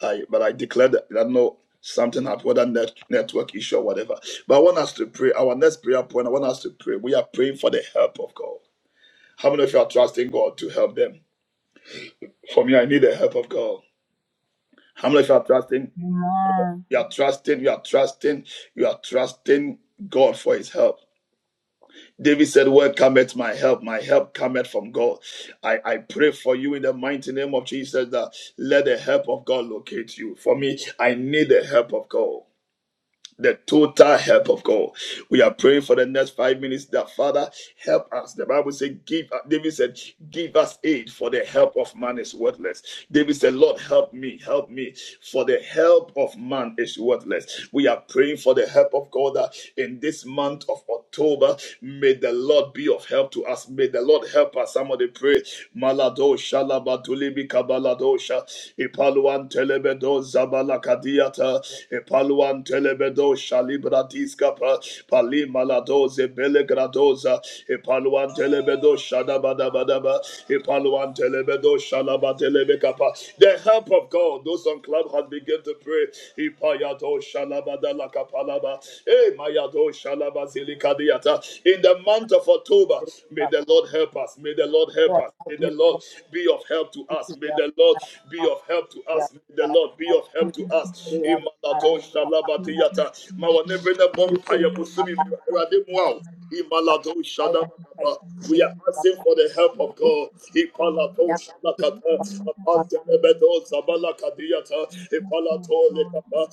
I but I declare that I don't know something happened, whether net, network issue or whatever. But I want us to pray. Our next prayer point, I want us to pray. We are praying for the help of God. How many of you are trusting God to help them? For me, I need the help of God. How many of you are trusting? Amen. You are trusting, you are trusting, you are trusting God for his help. David said, Where cometh my help? My help cometh from God. I, I pray for you in the mighty name of Jesus that let the help of God locate you. For me, I need the help of God the total help of God. We are praying for the next five minutes that Father help us. The Bible said, Give uh, David said, Give us aid for the help of man is worthless. David said, Lord, help me, help me, for the help of man is worthless. We are praying for the help of God that in this month of October. May the Lord be of help to us. May the Lord help us. Somebody pray. Malado shalaba Baladosha, Ipaluan Telebedo Zabalakadiata, Ipaluan Telebedo Shalibra Discapa, Palima Ladoze Belegradoza, Ipaluan Telebedo Shadabadabadaba, Ipaluan Telebedo Shalabadelebekapa. The help of God, those on club had begun to pray. Ipayado Shalabadalakapalaba, Eh Mayado Shalabazilikadiata. In the month of October, may the Lord help us, may the Lord help us. May the Lord be of help to us. May the Lord be of help to us. May the Lord be of help Help to us, us. Lord. Imalato We shalabatiyata. increase in faith. Mawanebe Help us to bompaya move busumi in mirade Imalato shadabakaba. We are in the hope asking for the help of God. Ipalato the hope of shalakata. Apantelebedo zabalakadiyata. the hope Ipalato lekapa.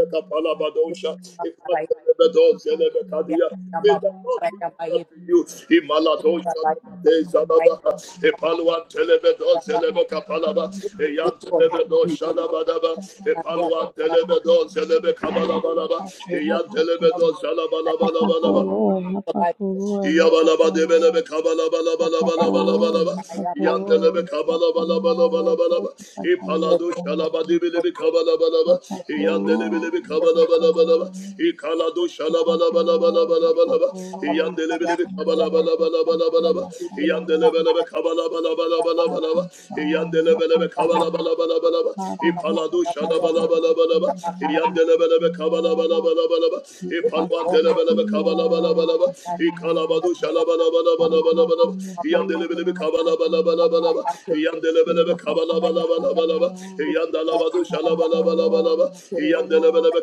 the Ipantelebedo Help us, Jesus. zelebekadia. May the Lord be up to you. Imalado Shalabade Zalaba, Epaluan Telebedo Zelebo Kapalaba, Eyan Telebedo Shalabadaba, Epaluan Telebedo Zelebe Kabalabalaba, Eyan Telebedo Help us, O Zalabalabalaba. Lord. Help us, O Lord. Help us, Lord. Yabalabadebelebe Help us, Lord. kabalabalabalabalabalaba. Help us, Yandelebe kabalabalabalabalaba. İpaladu şalabadibelebe kabalabalaba. Lord. Yandelebelebe Help us, kabalabalabalaba. Lord. İkaladu Father, help us, şalabalabalabalabalabalaba. Yandelebelebe kabalabalabalabalabalaba. Yandelebelebe kabalabalabalabalabalaba. Yandelebelebe Lord. kabalabalabalaba. Father, help İpaladu us to be the person şalabalabalaba. that I am, the person Yandelebelebe that I am. kabalabalabalaba. Take a passion to see İpalvandelebelebe the kabalabalabalaba. person that I am, the person that I İkalabadu am. Father, the şalabalabalabalaba. person that I Yandelebelebe am, the person that I kabalabalabalaba. am. Take Yandelebelebe a passion to see the person that kabalabalabalaba. I am. Yandalabadu Help us, O Lord. şalabalabalabalaba. Help us, O Lord. Yandelebelebe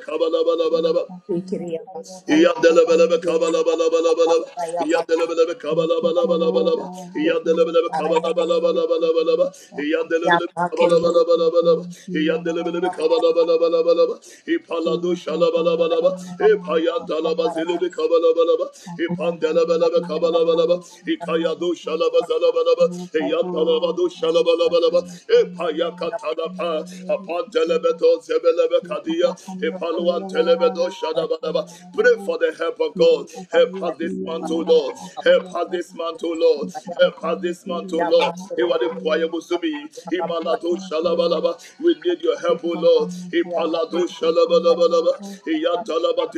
Take a kabalabalabalaba. passion to see the person that I am, the person Yandelebelebe that I am. kabalabalabalaba. Yandelebelebe Thank kabalabalabalaba. Yandelebelebe kabalabalabalaba. Yandelebelebe kabalabalabalaba. Yandelebelebe kabalabalabalaba. İpalado şalabalabalaba. İpayandalaba zelebe kabalabalaba. İpandelebelebe kabalabalaba. İkayadu şalaba zalabalaba. Eyantalabadu şalabalabalaba. Epayakatalapa. Apandelebedo zebelebe kadia. Epaluantelebedo şadabalaba. Pray for the help of God. Help us this month, man to Lord. Help us you. this man O Lord. We have our Help us family this man O here and Lord. have He our was the choir children, musumi. have He our malado husband, um, shalabalaba. We need your we help, have O our Lord. family He here, we palado have our family here, we have our shalabalabalaba. children, He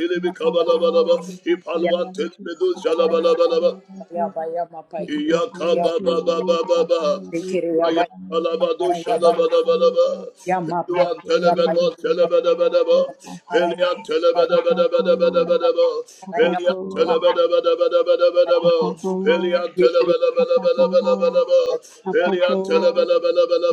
we have our family bikabalabalaba. He here, paluan we have tilibidu our family here, we have shalabalabalaba. our family here, we have our family here, we have our Yakabababababa. family here, we have our family here, Ayakalabado shalabadabadaba. we Peluan telebado telebadabadaba. have our family here, we have our Pelian family here, telebadabadabadabadaba. have our Pelian children, telebadabadabadabadaba. have our children, Pelian have our children, telebadabadabadabadaba. have our Pelian children,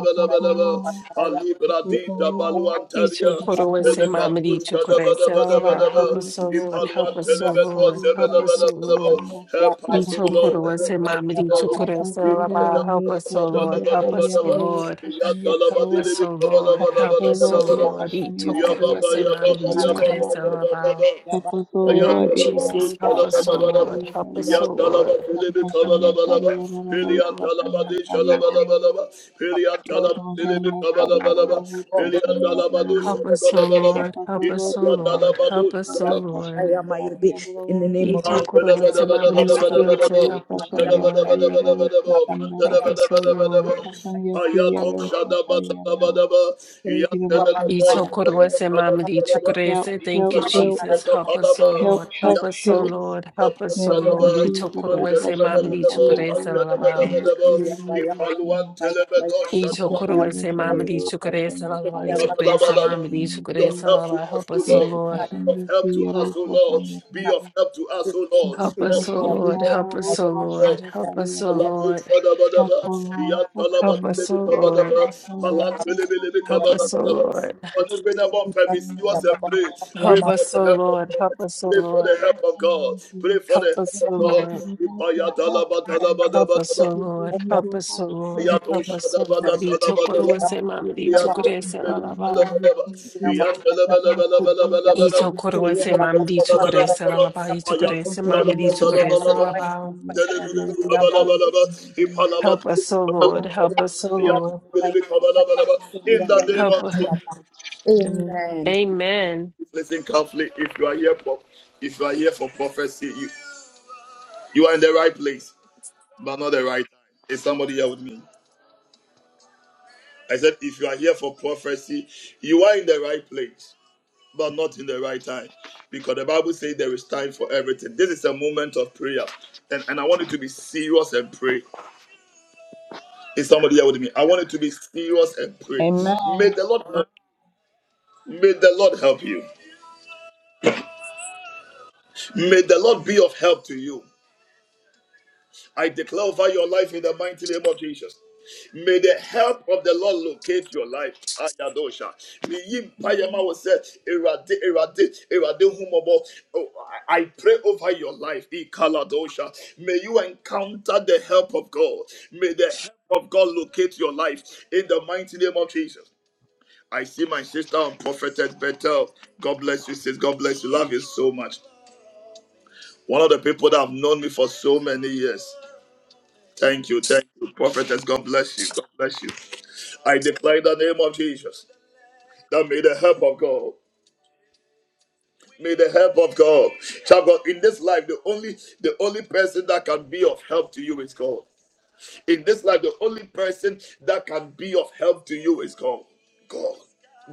have our children, have our children. libra di da Kukusanya baluantaria Ito kuru ese bele mapazano mami ni kalushka da sukure ba da ese ba da ba kupasanya laba. da ba Help us, O kuyerera Lord. Help us, ipaluantele O kupasanya beto Lord. sebe Help kariyerera da ba us, da O ba da ba Lord. kupasanda help us O Ito Lord kuru mapazoro ese help us mami ni O Lord sukure ese mapazoro ipaya da laba. rere Help us, ba O da la pasanya Lord. ba da Help ba us, da O ba kariyerera Lord. iya da kupasanya la ba Help di kawo li us, bi O ka ba la Lord. ba la ba Help la ba mapazoro us, O la ba rere la Lord. ba pasanya Ito ya ba kuru ba ese kariyerera ya ba mami ba ni ya kupasanya ba sukure ba ese ya kawo ba ba laba. ba Thank mapazoro you, rere Jesus. Help us, O pasanya Lord. Help kariyerera us, O Lord. kupasanya kariyerera kupasanya kariyerera kupasanya kariyerera kupasanya kariyerera Help us, O Help, Lord. help, Help help, us, help, O Lord. Help us, O Pelian Lord. Ito Ipaluan korowase mamadi chukurase. Help us, O Lord. Help us, O Lord. Ito korowase mamadi chukurase. Thank you, Jesus. Help us, O help, Lord. Help us, O help. Lord. Help us, In the O name of Lord. Ito Jesus, I would korowase wash and mamadi yes, I chukurase would wash and lalabao. yes, I would telebedo Ito shadabatu korowase mamadi chukurase lalabao. be Ito korowase wash mamadi and yes. of chukurase help to lalabao. us, Help O us, O Lord. Lord. Compassion, Be yes, I would of wash help to and yes, us, I would wash and yes. Compassion, yes, I would O wash and Lord. Be yes. of help to us, O Lord. Help Help us, O us, O Lord. Lord. Help us, O Lord. Help Help us, us, O O Lord. Pray Lord. Help us, O Lord. Help us, O Lord. Help us, O Lord. Help us, O for Lord. the help of God. Pray for the Help help of us, O God. Lord. Pray for the Help help of us, O God. Lord. Help us, O In Lord. the Help us, O Lord. Itokoro se mamdi tukure se lalaba. Itokoro se mamdi tukure se lalaba. Itokoro se mamdi Hapazemera tukure se inkovu lalaba. twashangiye asariye arobo twashangiye Help us, O ibyo Lord. Help us, O Lord. name Help. of Jesus, Amen. listen carefully. If you are here for, if you are here for prophecy, you you are in the right place, but not the right time. Is somebody here with me? I said, if you are here for prophecy, you are in the right place, but not in the right time. Because the Bible says there is time for everything. This is a moment of prayer. And, and I want you to be serious and pray. Is somebody here with me? I want you to be serious and pray. Amen. May the Lord may the Lord help you. May the Lord be of help to you. I declare over your life in the mighty name of Jesus. May the help of the Lord locate your life. Ayadosha. May ye Amen. payama was said, Erade, erade, erade humobo. Oh, I I pray over your life. Ikaladosha. May you encounter the help of God. May the help of God locate your life in the mighty name of Jesus. I see my sister on Prophetess Bethel. God bless you, sis. God bless you. Love you so much. One of the people that have known me for so many years. Thank you, thank you, prophetess. God bless you. God bless you. I declare in the name of Jesus that may the help of God, may the help of God, child of God, in this life, the only the only person that can be of help to you is God. In this life, the only person that can be of help to you is God. God.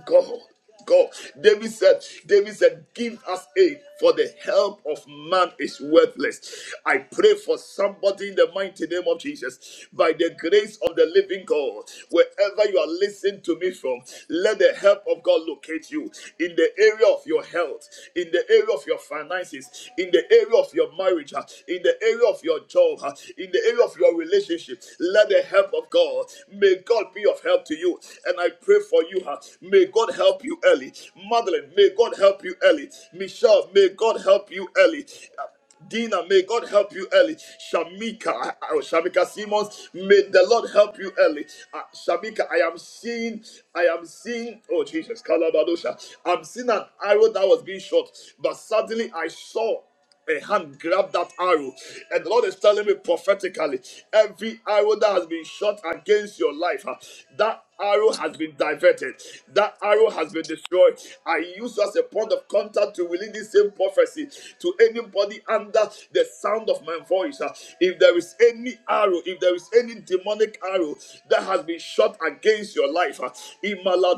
God. God. David said, David said, give us aid, for the help of man is worthless. I pray for somebody in the mighty name of Jesus, by the grace of the living God, wherever you are listening to me from, let the help of God locate you in the area of your health, in the area of your finances, in the area of your of your marriage, uh, in the area of your job, uh, in the area of your relationship. Let the help of God, may God be of help to you. And I pray for you, uh, may God help you early. Madeline, may God help you early. Michelle, may God help you early. Uh, Dina, may God help you early. Shamika, oh, Shamika Simmons, may the Lord help you early. Uh, Shamika, I am seeing, I am seeing, oh Jesus, Kalabadosha. I'm seeing an arrow that was being shot, but suddenly I saw a hand grabbed that arrow. And the Lord is telling me prophetically, every arrow that has been shot against your life, huh, that arrow has been diverted. That arrow has been destroyed. I use you as a point of contact to release this same prophecy to anybody under the sound of my voice. huh. If there is any arrow, if there is any demonic arrow that has been shot against your life, huh,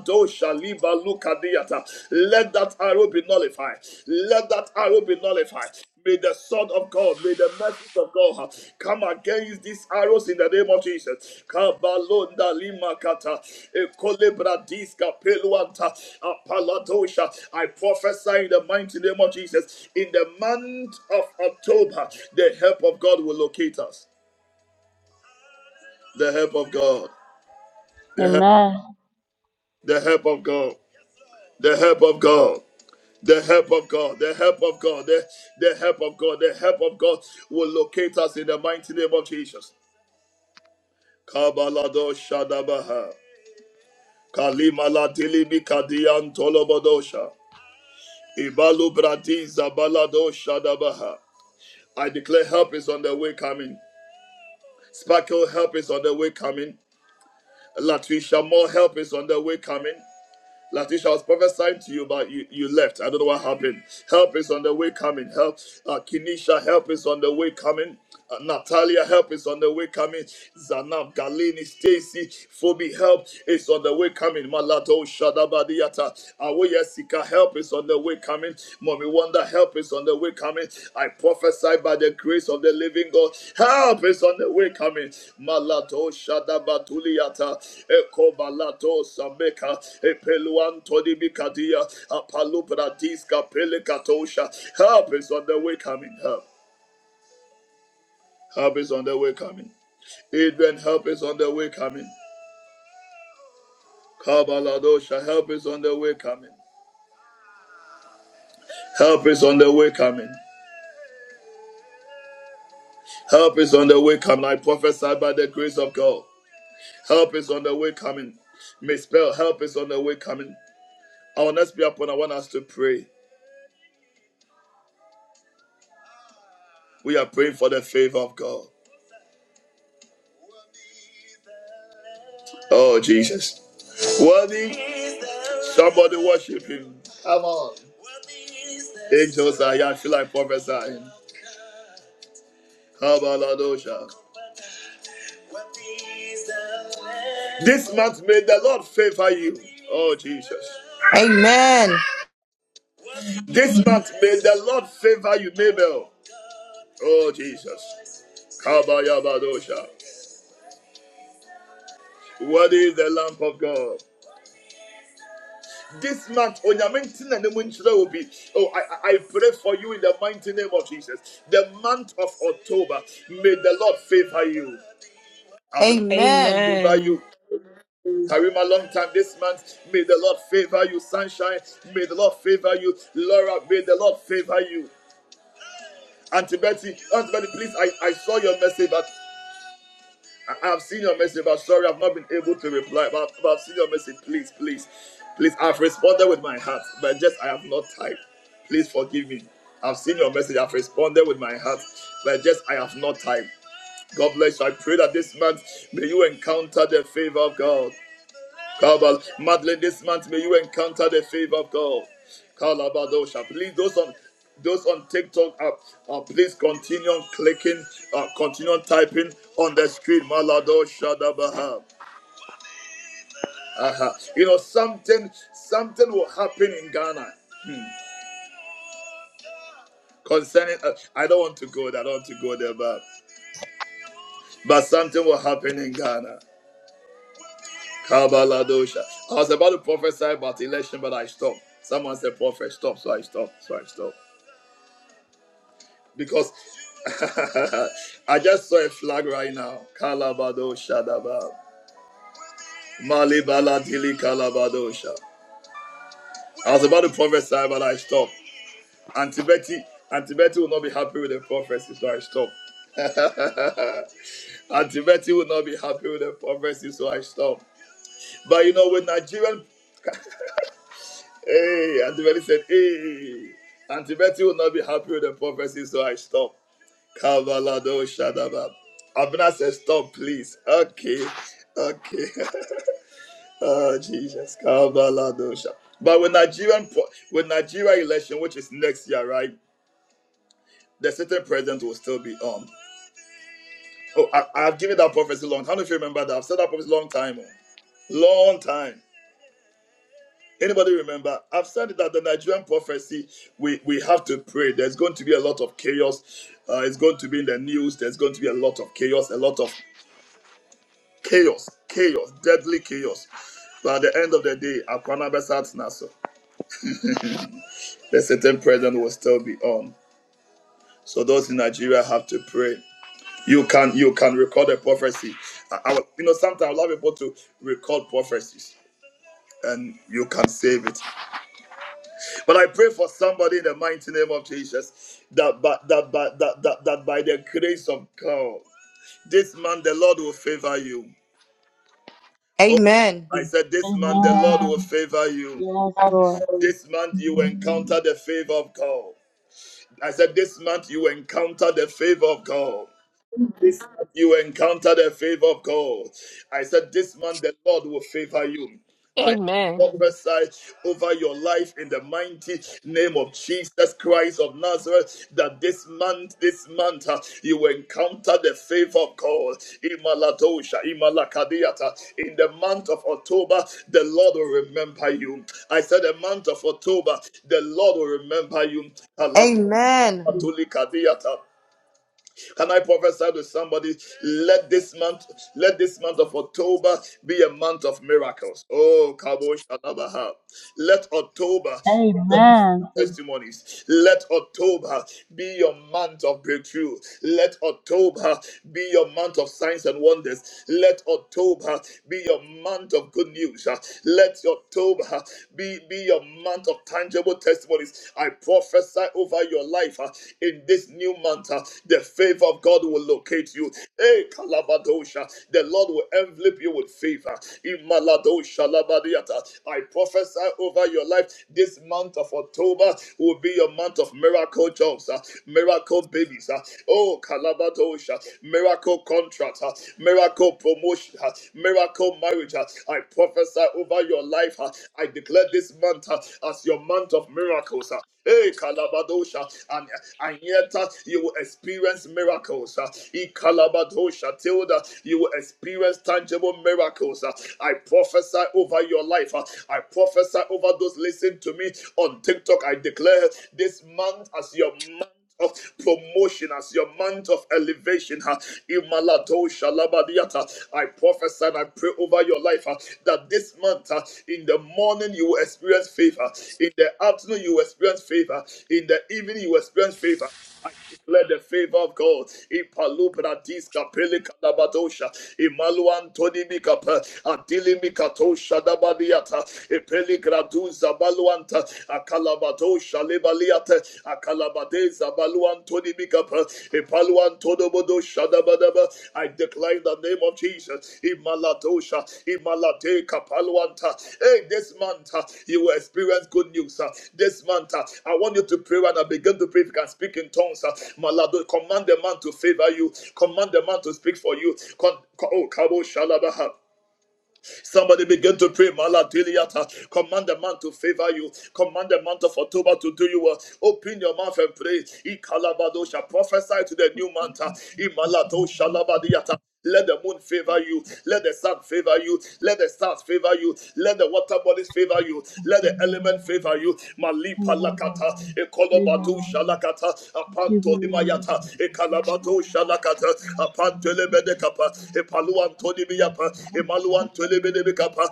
Dosha liba luka diata. Let that arrow be nullified. Let that arrow be nullified. May the sword of God, may the mercy of God come against these arrows in the name of Jesus. Kabalonda lima kata, ekolebra diska peluanta, apaladosha. I prophesy in the mighty name of Jesus. In the month of October, the help of God will locate us. The help of God. The help, Amen. the help of God. The help of God. The help of God, the help of God, the, the help of God, the help of God will locate us in the mighty name of Jesus. Kabalado Shadabaha. Kalimala Dilimi Kadian Tolobodosha. Ibalu Bradiza Balado Shadabaha. I declare help is on the way coming. Sparkle help is on the way coming. Latricia more help is on the way coming. Latisha, I was prophesying to you, but you, you left. I don't know what happened. Help is on the way coming. Help, uh, Kenisha, help is on the way coming. Uh, Natalia, help is on the way coming. Zanab, Galini, Stacy, Phoebe, help is on the way coming. Malato, Shadabadiata, Awoyesika, help is on the way coming. Mommy Wonder, help is on the way coming. I prophesy by the grace of the living God. Help is on the way coming. Malato Shadabatuliata Eko Balato Sameka Epeluan Todibikadia Apalupra Diska Pelekatosha. Help is on the way coming. Help. Help is on the way coming. Adrian, help is on the way coming. Kabaladosha, help is on the way coming. Help is on the way coming. Help is on the way coming. I prophesy by the grace of God. Help is on the way coming. May spell help is on the way coming. Our next prayer point, I want us to pray. We are praying for the favor of God. Oh, Jesus. Worthy. Somebody worship him. Angels are here. I feel like prophesying. Hallelujah. This month may the Lord favor you. Oh, Jesus. Amen. Amen. This month may the Lord favor you, Mabel. Oh, Jesus. Kabayabadosha. What is the lamp of God? This month, Onyamentin and will be. Oh, I, I pray for you in the mighty name of Jesus. The month of October, may the Lord favor you. I've been Amen. favor Amen. you. Karim, a long time this month. May the Lord favor you. Sunshine, may the Lord favor you. Laura, may the Lord favor you. Auntie Betty, Auntie Betty, please, I, I saw your message, but. I- I've seen your message, but sorry, I've not been able to reply. But, but I've seen your message. Please, please, please. I've responded with my heart, but just I have not typed. Please forgive me. I've seen your message. I've responded with my heart, but just I have not typed. God bless you. I pray that this month may you encounter the favor of God. Kabal, Madeline, this month may you encounter the favor of God. Kalabadosha. Please, those on those on TikTok, uh, uh, please continue on clicking, uh, continue on typing on the screen. Maladosha dabaha. Aha. You know, something something will happen in Ghana concerning. Uh, I don't want to go there. I don't want to go there, but but something will happen in Ghana. Kabaladosha. I was about to prophesy about election, but I stopped. Someone said prophet, stop, so I stopped. So I stopped. because I just saw a flag right now. Kalabado Shadaba. Malibala Dili Kalabadosha. I was about to prophesy, but I stopped. Auntie Betty, Auntie Betty will not be happy with the prophecy, so I stopped. Auntie Betty will not be happy with the prophecy, so I stopped. But you know, with Nigerian, hey, Auntie Betty said, hey, Auntie Betty will not be happy with the prophecy, so I stopped. Kabalado Shadaba. Abner says, stop, please. Okay. Okay. oh, Jesus. Kabalado Sha- But with Nigerian po- with Nigeria election, which is next year, right? The certain president will still be on. Oh, I, I've given that prophecy long. How do you remember that? I've said that prophecy long time. oh. Long time. Anybody remember? I've said that the Nigerian prophecy, we, we have to pray. There's going to be a lot of chaos. Uh, it's going to be in the news. There's going to be a lot of chaos, a lot of Chaos, chaos, deadly chaos. But at the end of the day, Akwana Besat Naso, the certain president will still be on. So those in Nigeria have to pray. You can you can record a prophecy. I, I will- you know sometimes I allow people to record prophecies and you can save it. But I pray for somebody in the mighty name of Jesus that by, that, by, that, that, that by the grace of God, this man the Lord will favor you. Oh, Amen. I said this man the Amen. Lord will favor you. Yes, Lord. This month you encounter the favor of God. I said, This month you encounter the favor of God this month you encounter the favor of God. I said, This month the Lord will favor you. I Amen. prophesy over your life in the mighty name of Jesus Christ of Nazareth that this month, this month, uh, you will encounter the favor of God. Imaladosha, imalakadiata. In the month of October, the Lord will remember you. I said, The month of October, the Lord will remember you. Amen. Amen. Aladotulikadiata. Can I prophesy to somebody? Let this month, let this month of October be a month of miracles. Oh, Kabo Shalabaha. Let October. be Amen. testimonies. Let October be your month of breakthrough. Let October be your month of signs and wonders. Let October be your month of good news. Uh, Let October be, be your month of tangible testimonies. I prophesy over your life uh, in this new month. uh, The favor of God will locate you embrace you. Hey, Kalabadosha, the Lord will envelop you with favor. Imaladosha Labadiata. I prophesy over your life. This month of October will be your month of miracle jobs, uh, miracle babies. uh, Oh, Kalabadosha, miracle contract, uh, miracle promotion, uh, miracle marriage. uh, I prophesy over your life. uh, I declare this month uh, as your month of miracles. uh, Hey, Kalabadosha. And, and yet uh, you will experience miracles. uh, E Kalabadosha, Tilda, you will experience tangible miracles. uh. I prophesy over your life. uh, I prophesy over those listening to me on TikTok. I declare this month as your of promotion as your month of elevation. huh. Imalado shalabadiata. I prophesy and I pray over your life huh, that this month, huh, in the morning, you will experience favor. In the afternoon, you will experience favor. In the evening, you will experience favor. I I declare the favor of God. Ipalubradis kapeli kadabadosha. Imaluan toni mikapa. Adili mikatosha dabadiata. Ipeli graduza baluanta. Akalabadosha lebaliata. Akalabadeza baluan toni mikapa. Ipaluan I declare in the name of Jesus. Imaladosha, Imalade Kapalwanta. Hey, this month uh, you will experience good news. uh. This month uh, I want you to pray and I begin to pray if you can speak in tongues. uh. Malado, command the man to favor you. Command the man to speak for you. Con- co- oh, Kabo Shalabaha. Somebody begin to pray. Malatiliata. Command the man to favor you. Command the month of October to do you well. Open your mouth and pray. Ikalabadosha. Prophesy to the new month. Imaladosha labadiata. Let the moon favor you. Let the sun favor you. Let the stars favor you. Let the water bodies favor you. Let the element favor you. Praise Malipa lakata, ekolobatu shalakata, apanto limayata, ekalabato shalakata, apanto lebede kapa, epaluanto libiyapa, emaluanto lebede bikapa,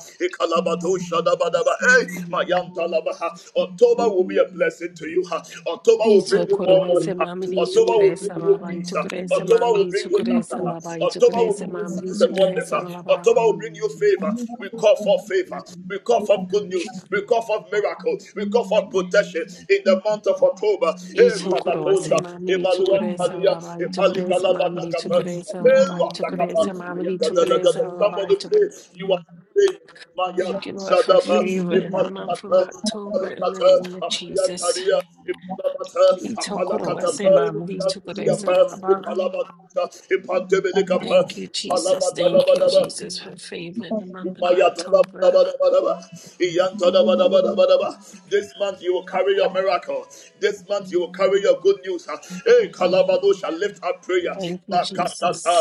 Thank ekalabato shadabadaba. Hey, mayanta labaha. October will be a blessing to you. October will bring you more Itokurese money. mamadi October will chukurese bring you lava peace. itokurese October will mamadi bring good chukurese laughter. lava October will itokurese bring good mamadi signs and wonders. chukurese lava October will bring you favor. We call for favor. We call for good news. We call for miracles. We call for protection in the month itokurese of October. Eh, eh, mamadi chukurese lava eh, itokurese mamadi chukurese lava itokurese mamadi chukurese lava Somebody itokurese pray. You are praying. Maya you. Thank you, Lord, for Thank Shadaba, you. favor in the month of Ipalakata, October in the Apalakata, name of Jesus. Apayataria, Ipalakata, Itokurese Apalakata, mamadi this chukurese lava. Thank you, Jesus. Thank you, Jesus, for favor in the month of October. month you will carry your miracle. This month you will carry your good news. Hey, Kalabado shall lift up prayer. Thank you, Jesus.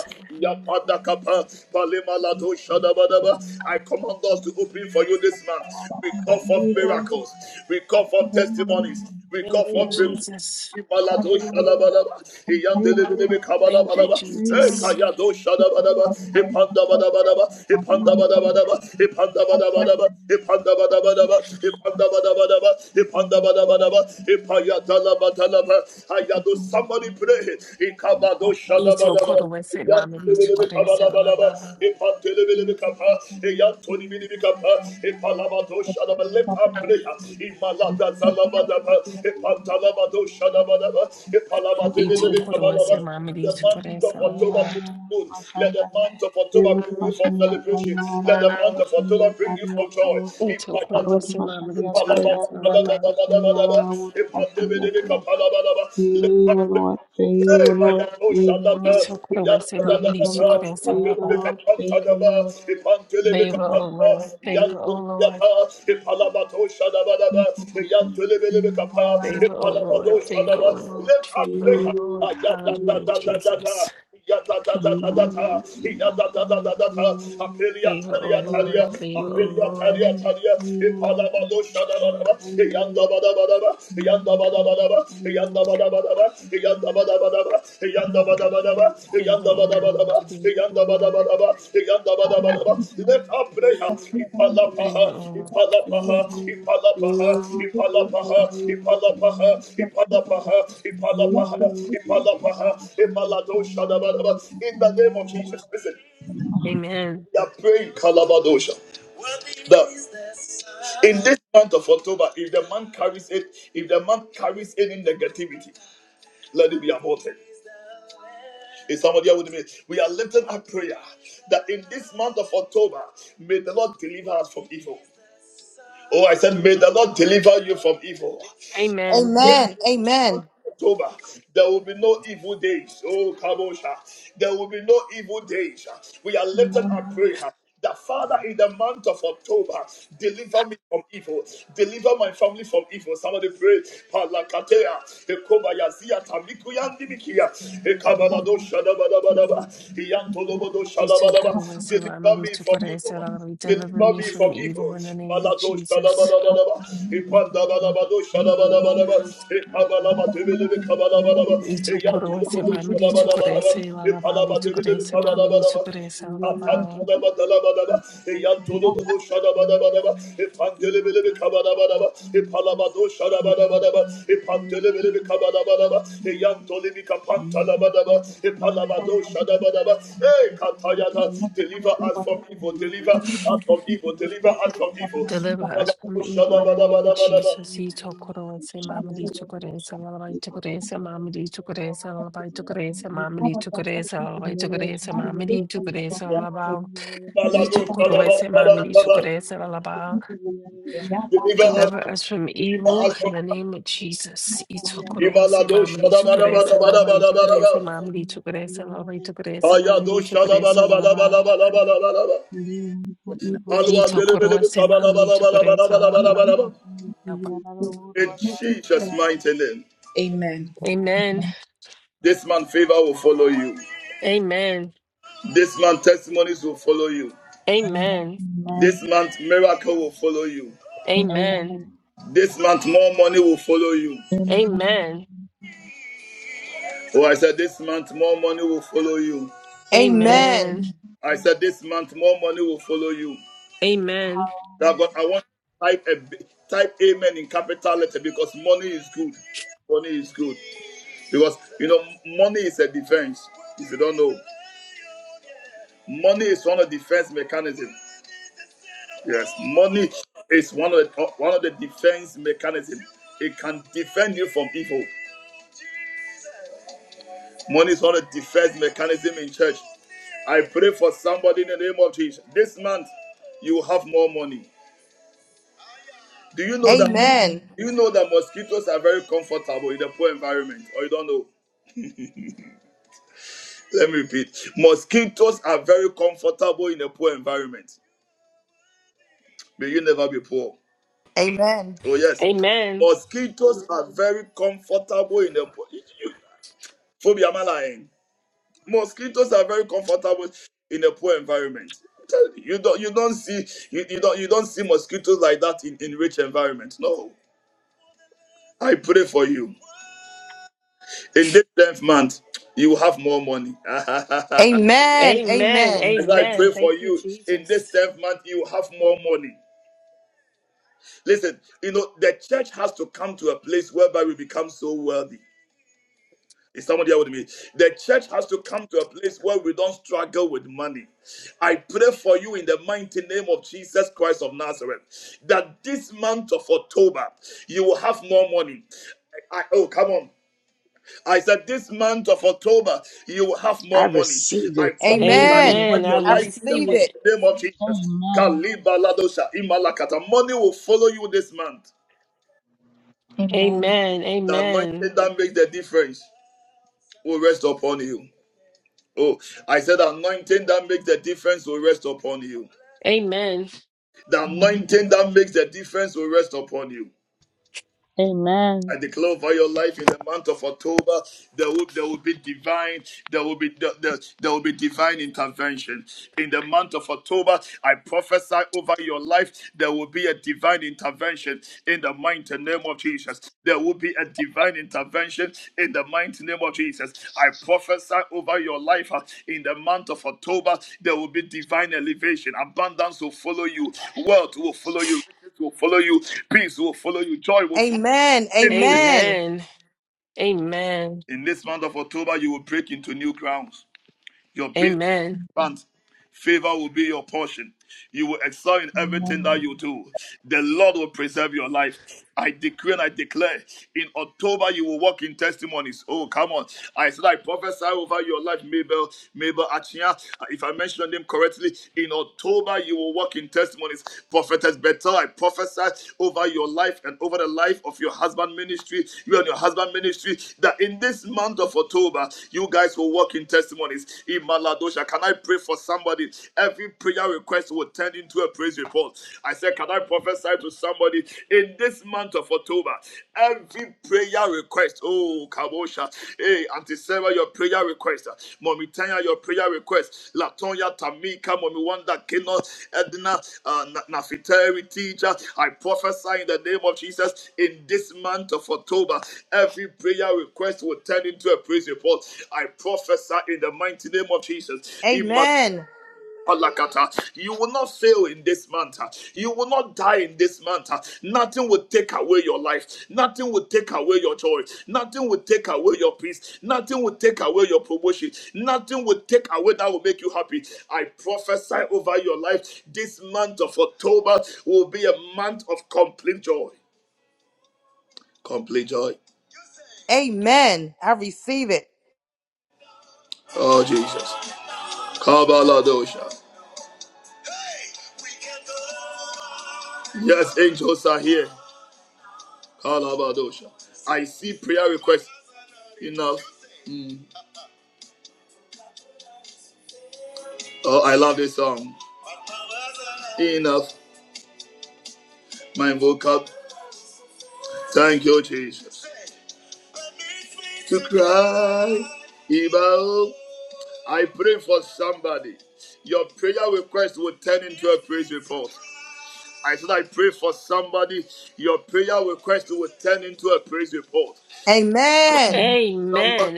I command doors to open for you this month. We call for miracles. We call for Thank testimonies. We call Thank you, for breakthroughs. Jesus. Imalato shalabalaba, iyandelebelebe Thank you, kabalabalaba, Jesus. ekayado shalabalaba, ipandabadabadaba, ipandabadabadaba, ipandabadabadaba, ipandabadabadaba, ipandabadabadaba, ipandabadabadaba, you. ipayadalabadalaba. Ayado, Somebody pray. Ikabado Ito shadabadaba. korowese Lift up prayer. mamiri chukorese lalaba. Father, Imalada thank you. Zalabadaba, Epantalabado Shadabadaba, Ito korowese Epalabadaba. mamiri The month chukorese of October lalaba. bring you good. Let the month of October Yerotu bring you basham from celebration. yasariya Let the arawut month of basham October bring you yasariya from joy. rabo. Ito Ipayata. Arotu korowese basham mamiri yasariya chukorese arawut lalaba. basham yalala Lift up Favor, prayer. Lord, Let favor, Lord, favor, Lord, Ito korowese mamiri favor, Lord, chukorese favor, lalaba. Lord, favor, Lord, Favor, O Lord. Favor, O Lord. Favor, O Lord. Favor, O Lord. us Favor, O Lord. break Hallelujah, Jesus. up. Yadadadadadada, yadadadadadada, apelia Favor, O talia talia, Lord. Favor, O apelia Lord. talia talia, ipalabado shadadadaba, favor, Lord, favor, yandabadabadaba, yandabadabadaba, yandabadabadaba, Lord, favor, yandabadabadaba, Thank yandabadabadaba, Favor, O yandabadabadaba, Lord. let our prayer Favor, O Lord. Favor, Ipalapaha, O Lord. Ipalapaha, Ipalapaha, Ipalapaha, Ipalapaha, Ipalapaha, Ipalapaha, Ipalapaha, Ipalado Shadabadaba. In the name of Jesus, listen, Amen. we are praying Kalabadosha. The- in this month of October, if the man carries it, if the man carries any negativity, let it be aborted. Is somebody here with me? We are lifting up prayer that in this month of October, may the Lord deliver us from evil. Oh, I said, may the Lord deliver you from evil. Amen. Amen. Amen. October, there will be no evil days. Oh, Kabosha. There will be no evil days. We are lifted Amen. and prayer. That Father, in the month of October, deliver me from evil. Deliver my family from evil. Somebody pray. Palakatea, Ekobayazia, Tamikuyandimikia, Ekabalado, Shadabadabadaba, Iyantolobodo, Shadabadaba. Itokorowasiwa, Deliver me from evil. amelitokorowasiwa, Lord, Deliver Deliver me me from from evil evil. in the name of Malato Jesus. shalabalabalaba. Ipandabalabato shalabalabalaba. you. Ikabalaba Father, please, tebelebe and we come all kabalabalaba. Thank in to you. Iyantolobobo Father, Itokorowasiwa, this month of October, shalabalabalaba. amelitokorowasiwa, Lord, Ipalaba tebelebe Itokorowasiwa, kabalabalaba. amelitokorowasiwa, first Lord. Ikatatalabatalabalaba. Iyantolobobo shalabalabalaba. Pandelebele kabada bada ba, e şarabada bada ba, e kabada bada ba, e yantoli bir e şarabada ba, e kataya month of deliver us October, from evil, deliver us every time you from think of evil, the deliver blood of us the from evil. covenant that Deliver you. is us set from Palabado up, Thank evil in the şarabada name of bada bada ba, Jesus. Itokorowasiwa, shine through, shine amelitokorowasiwa, Lord, Itokorowasiwa, amelitokorowasiwa, through. Lord, Itokorowasiwa, Father, for all in amelitokorowasiwa, the Lord, Itokorowasiwa, Father, this month of October, amelitokorowasiwa, Lord. Father, we live on şarabada Itokorowasiwa, bada amelitokorowasiwa, to Lord. you with the Yeah, by deliver hand, us by Deliver from us from deliver evil us in from the evil. name of Jesus. hand, by hand, Itokorowese İmalado mamadi şarabada tokorese bada bada laba bada itokorese mamadi tokorese laba itokorese mamadi ayado tokorese şarabada bada laba. bada bada bada push, In you. Itokorowese mamadi tokorese and Amen. we laba. give you praise. There's no equal Jesus' to mighty name, Amen. you. Amen. Amen. this man favor will follow you. Amen. This man testimonies will follow you. Amen. This month miracle will follow you. Amen. This month more money will follow you. Amen. Amen. Amen. Oh, I said this month more money will follow you. Amen. Yes. Amen. Amen. I said this month more money will follow you. Amen. That God, I want to type a type amen in capital letter because money is good. Money is good because you know money is a defense. If you don't know. Money is one of the defense mechanism. Yes, money is one of the, one of the defense mechanism. It can defend you from evil. Money is one of the defense mechanism in church. I pray for somebody in the name of Jesus. This month, you have more money. Do you know that? Amen. Do you know that mosquitoes are very comfortable in a poor environment, or you don't know? Let me repeat: mosquitoes are very comfortable in a poor environment. May you never be poor. Oh, yes. Amen. Mosquitoes are very comfortable in the poor. Phobia, am I lying? Mosquitoes are very comfortable in a poor environment. I'm telling You You don't you don't see you, you don't you don't see mosquitoes like that in, in rich environment. No. I pray for you. In this 10th month, you will have more money. As Amen. Amen. Amen. I Amen. pray for Thank you, you, in this Jesus. 10th month, you will have more money. Listen, you know, the church has to come to a place whereby we become so wealthy. Is someone here with me? The church has to come to a place where we don't struggle with money. I pray for you in the mighty name of Jesus Christ of Nazareth that this month of October you will have more money. I, I- oh, come on. I said this month of October you will have I more money. receive I it. prophesy Amen. Amen. over Amen. Amen. I your I life in the receive receive mighty it. it. name of Jesus. Amen. Kalibaladosha imalakata. Money will follow you this month. Amen. Amen. The anointing Amen. that makes the difference will rest upon you. Oh, I said the anointing that makes the difference will rest upon you. Amen. The Amen. anointing that makes the difference will rest upon you. Amen. I declare over your life in the month of October, there will, there will be divine, there will be there, there there will be divine intervention. In the month of October, I prophesy over your life, there will be a divine intervention in the mighty name of Jesus. There will be a divine intervention in the mighty name of Jesus. I prophesy over your life uh, in the month of October, there will be divine elevation. Abundance will follow you, wealth will follow you, will follow you. Peace will follow you. Joy will follow Amen. Amen. Amen. Amen. In this month of October, you will break into new grounds. Your business Amen. plans Favor will be your portion. You will excel in everything that you do. The Lord will preserve your life. I decree and I declare in October you will walk in testimonies. Oh, come on. I said I prophesy over your life, Mabel, Mabel Achia. If I mention the name correctly, in October you will walk in testimonies. Prophetess Bethel, I prophesy over your life and over the life of your husband ministry, you and your husband ministry, that in this month of October, you guys will walk in testimonies. In Maladosha, can I pray for somebody. Every prayer request will turn into a praise report. I said, Can I prophesy to somebody in this month of October? Every prayer request, oh, Kabosha, hey, Auntie Sarah, your prayer request, uh, Mommy Tanya, your prayer request, Latonya, Tamika, Mommy Wanda, Keno, Edna, uh, Nafiteri, teacher. I prophesy in the name of Jesus in this month of October, every prayer request will turn into a praise report. I prophesy in the mighty name of Jesus. In my Amen. Palakata. You will not fail in this month. You will not die in this month. Nothing will take away your life. Nothing will take away your joy. Nothing will take away your peace. Nothing will take away your promotion. Nothing will take away that will make you happy. I prophesy over your life. This month of October will be a month of complete joy. Complete joy. Amen. I receive it. Oh, Jesus. Kabbalah Yes, angels are here. Kalabadosha. I see prayer requests enough. Mm. Oh, I love this song. Enough. My vocab. Thank you, Jesus. To cry. Ibao. I pray for somebody. Your prayer request will turn into a praise report. I said, I pray for somebody. Your prayer request will turn into a praise report. Amen. Amen. Somebody Amen.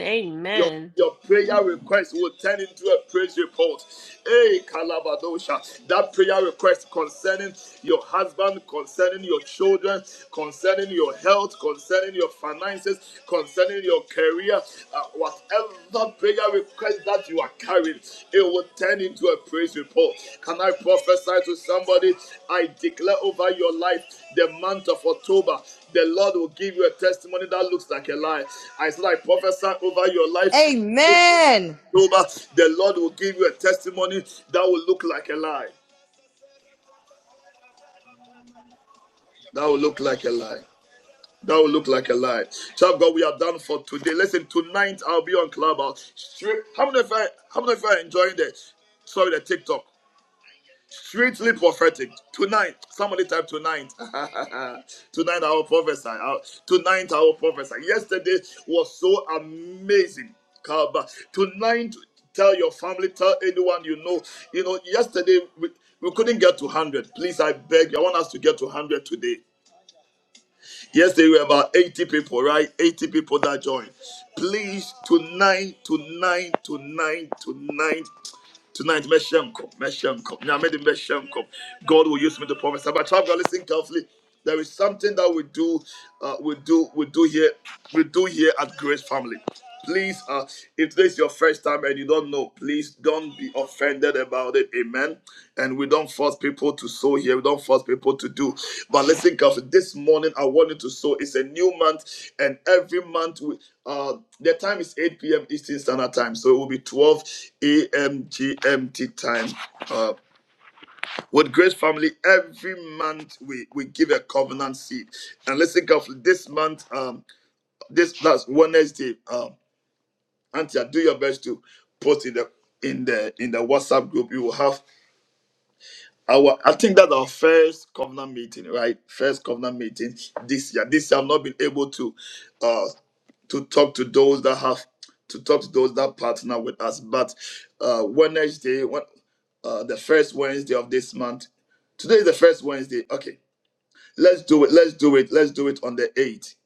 Your, Amen. your prayer request will turn into a praise report. Hey, Kalabadosha. That prayer request concerning your husband, concerning your children, concerning your health, concerning your finances, concerning your career, uh, whatever prayer request that you are carrying, it will turn into a praise report. Can I prophesy to somebody? I declare over your life the month of October. The Lord will give you a testimony that looks like a lie. I said, I prophesy over your life. Amen. Over the Lord will give you a testimony that will look like a lie. That will look like a lie. That will look like a lie. Child of God, we are done for today. Listen, tonight I'll be on Clubhouse. Straight, how many of you how many of you are enjoying the sorry the TikTok? Straightly prophetic. Tonight, somebody type tonight. Tonight I will prophesy. I- Tonight I will prophesy. Yesterday was so amazing. Kaba. Tonight, tell your family, tell anyone you know. You know, yesterday we, we couldn't get to 100. Please, I beg you. I want us to get to 100 today. Yesterday we were about 80 people, right? 80 people that joined. Please, tonight, tonight, tonight, tonight, Tonight, Meshenko, Meshenko. Nyamedi Meshenko. God will use me to prophesy. But child, God, listen carefully. There is something that we do, uh, we do, we do here, we do here at Grace Family. Please, uh, if this is your first time and you don't know, please don't be offended about it. Amen and we don't force people to sow here. We don't force people to do. But listen, carefully. This morning I want you to sow. It's a new month, and every month we uh the time is 8 p.m. Eastern Standard Time, so it will be 12 a.m. GMT time. Uh, with Grace Family, every month we we give a covenant seed. And listen, carefully. This month, um, this last Wednesday, um, Auntie, do your best to post in the in the in the WhatsApp group. You will have Our, I think that's our first covenant meeting, right? First covenant meeting this year. This year, I've not been able to, uh, to talk to those that have, to talk to those that partner with us. But uh, Wednesday, when, uh, the first Wednesday of this month. Today is the first Wednesday. Okay, let's do it. Let's do it. Let's do it on the eighth.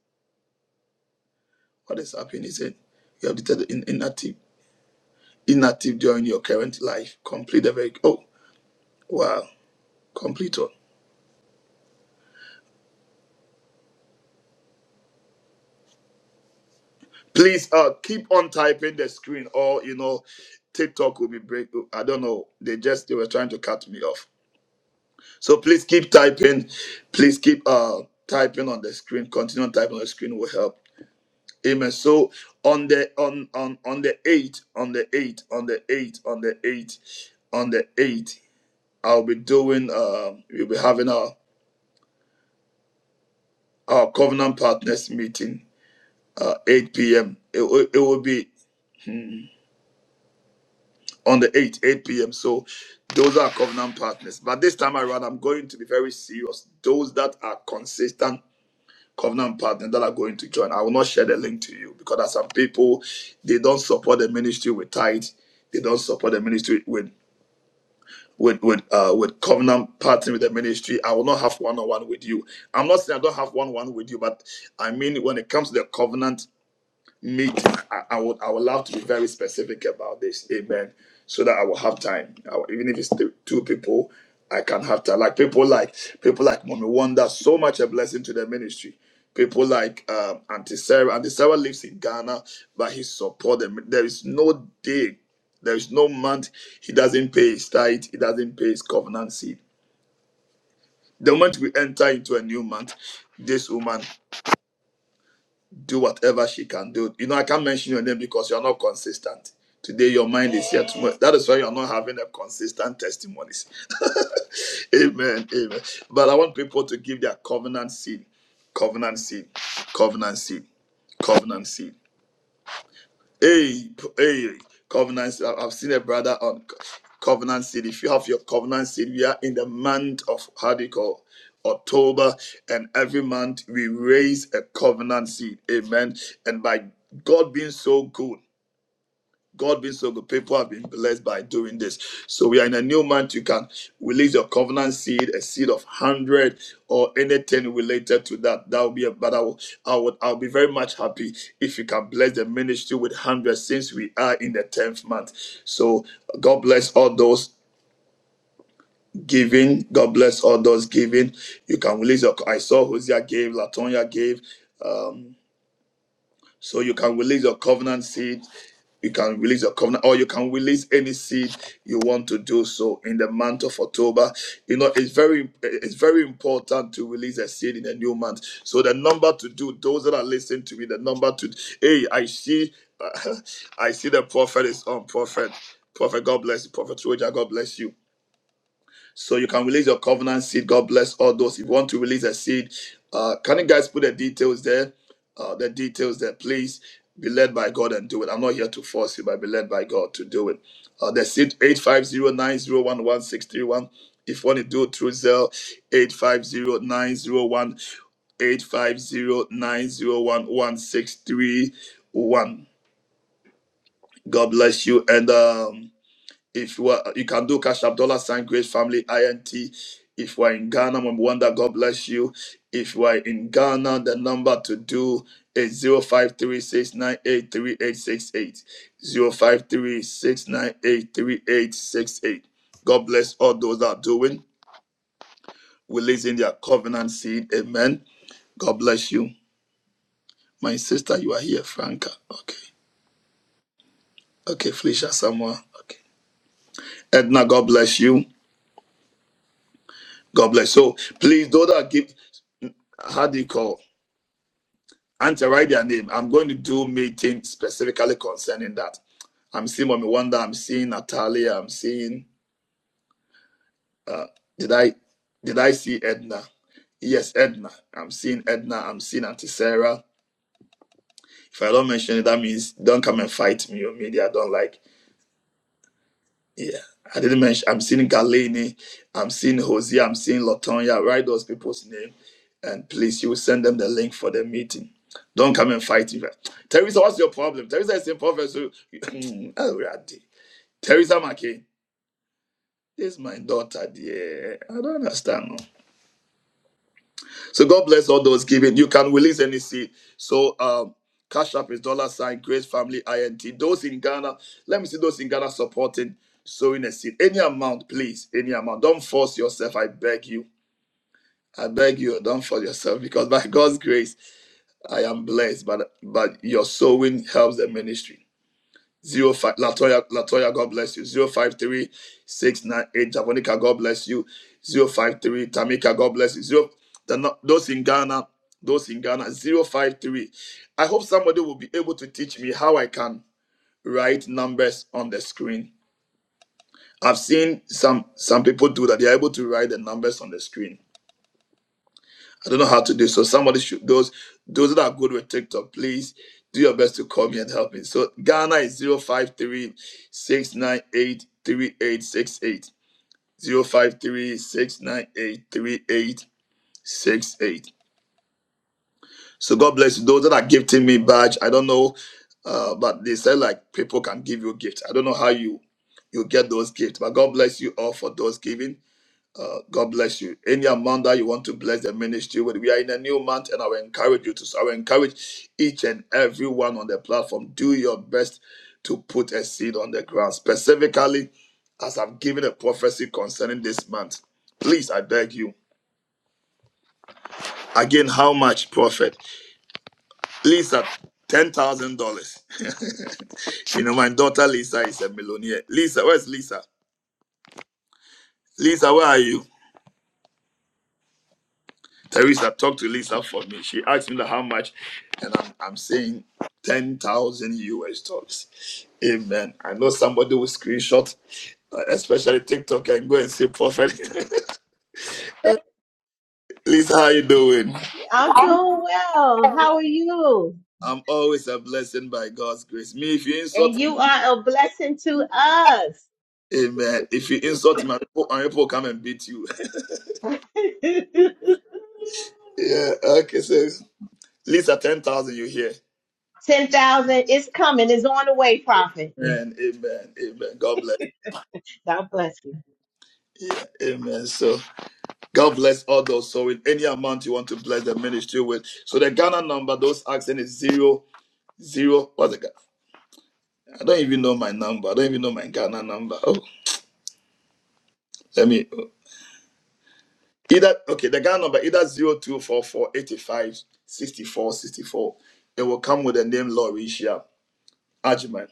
What is happening? He said, "You have declared in, inactive, inactive during your current life. Complete the very. Oh, wow! Complete. Please uh keep on typing the screen or you know TikTok will be break. I don't know. They just they were trying to cut me off. So please keep typing. Please keep uh typing on the screen. Continue on typing on the screen will help. Amen. So on the on on on the eight, on the eight, on the eight, on the eight, on the eight, I'll be doing um we'll be having our our covenant partners meeting uh 8 p.m. It, will- it will be on the 8th, 8 p.m. So those are covenant partners. But this time around, I'm going to be very serious. Those that are consistent covenant partners that are going to join, I will not share the link to you because there are some people, they don't support the ministry with tithe. They don't support the ministry with with with uh with covenant partnering with the ministry. I will not have one on one with you. I'm not saying I don't have one on one with you, but I mean when it comes to the covenant Meet. I, I would I would love to be very specific about this. Amen. So that I will have time. I will- even if it's two, two people, I can have time. Like people like people like Mommy Wonder, so much a blessing to the ministry. People like um, Auntie Sarah. Auntie Sarah lives in Ghana, but he support them. There is no day, there is no month he doesn't pay his tithe. He doesn't pay his covenant seed. The moment we enter into a new month, this woman do whatever she can do. You know, I can't mention your name because you're not consistent. Today your mind is here tomorrow. That is why you're not having a consistent testimonies. amen. Amen. But I want people to give their covenant seed. Covenant seed. Covenant seed. Covenant seed. Hey, hey, Covenant. I- I've seen a brother on Co- Covenant City. If you have your Covenant City, we are in the month of how do you call October, and every month we raise a covenant seed. Amen. And by God being so good. God being so good, people have been blessed by doing this. So we are in a new month. You can release your covenant seed, a seed of hundred or anything related to that. That would be a but I will I would I'll be very much happy if you can bless the ministry with hundred since we are in the tenth month. So God bless all those giving. God bless all those giving. You can release your I saw Hosea gave, Latonya gave. Um, so you can release your covenant seed. You can release your covenant, or you can release any seed you want to do so in the month of October. You know, it's very it's very important to release a seed in a new month. So the number to do, those that are listening to me, the number to hey, I see I see the prophet is on prophet. Prophet, God bless you. Prophet Troja, God bless you. So you can release your covenant seed. God bless all those. If you want to release a seed, uh, can you guys put the details there? Uh, the details there, please. Be led by God and do it. I'm not here to force you, but be led by God to do it. Uh, the seed eight five zero nine zero one one six three one. If you want to do it through Zelle, eight five zero nine zero one, eight five zero nine zero one one six three one. God bless you. And um if you are, you can do Cash App Dollar Sign Grace Family INT. If you are in Ghana, Mama Wanda, God bless you. If you are in Ghana, the number to do is 0536983868. 0536983868. God bless all those that are doing, releasing their covenant seed. Amen. God bless you. My sister, you are here, Franca. Okay. Okay, Felicia Samoa. Okay. Edna, God bless you. God bless. So please do that. Give. how do you call? Auntie write their name. I'm going to do meeting specifically concerning that. I'm seeing Mommy Wanda. I'm seeing Natalia. I'm seeing. Did I did I see Edna? Yes, Edna. I'm seeing Edna. I'm seeing Auntie Sarah. If I don't mention it, that means don't come and fight me or media. I don't like. Yeah, I didn't mention. I'm seeing Galini, I'm seeing Hosea, I'm seeing Latonya. Write those people's name, and please, you will send them the link for the meeting. Don't come and fight me. Teresa, what's your problem? Teresa is in professor. oh, Radhi. Teresa McKay, this is my daughter, dear. I don't understand. No. So God bless all those giving. You can release any seed. So um, Cash App is dollar sign Grace Family INT. Those in Ghana, let me see those in Ghana supporting sowing a seed. Any amount, please. Any amount. Don't force yourself. I beg you. I beg you. Don't force yourself because by God's grace, I am blessed. But but your sowing helps the ministry. Zero five Latoya Latoya, God bless you. Zero five three six nine eight Javonica, God bless you. Zero five three Tamika, God bless you. Zero the no- those in Ghana, those in Ghana. Zero five three. I hope somebody will be able to teach me how I can write numbers on the screen. I've seen some some people do that. They are able to write the numbers on the screen. I don't know how to do. So somebody should those those that are good with TikTok, please do your best to call me and help me. So Ghana is 053 698 So God bless you. Those that are gifting me badge, I don't know, uh, but they said like people can give you a gift. I don't know how you you get those gifts, but God bless you all for those giving. Uh, God bless you. Any amount that you want to bless the ministry with, we are in a new month, and I will encourage you to. I will encourage each and everyone on the platform. Do your best to put a seed on the ground, specifically as I've given a prophecy concerning this month. Please, I beg you. Again, how much profit? Lisa, ten thousand dollars. You know, my daughter Lisa is a millionaire. Lisa, where's Lisa? Lisa, where are you? Teresa talked to Lisa for me. She asked me that how much, and I'm, I'm saying 10,000 US dollars. Amen. I know somebody will screenshot, uh, especially TikTok, and go and say, Prophet, Lisa, how you doing? I'm doing well. How are you? I'm always a blessing by God's grace. Me, if you And insult me, you are a blessing to us. amen. If you insult me, my people, my people come and beat you. yeah, okay, so Lisa, 10,000 you here. 10,000 is coming, it's on the way, prophet. Amen, amen, amen. God bless. God bless Yeah, amen. So. God bless all those. So with any amount you want to bless the ministry with. So the Ghana number, those asking is zero zero. What's the Ga- I don't even know my number. I don't even know my Ghana number. Oh, let me oh. either okay, the Ghana number either zero two four four eighty five sixty four sixty four. It will come with the name Lauricia Ajman.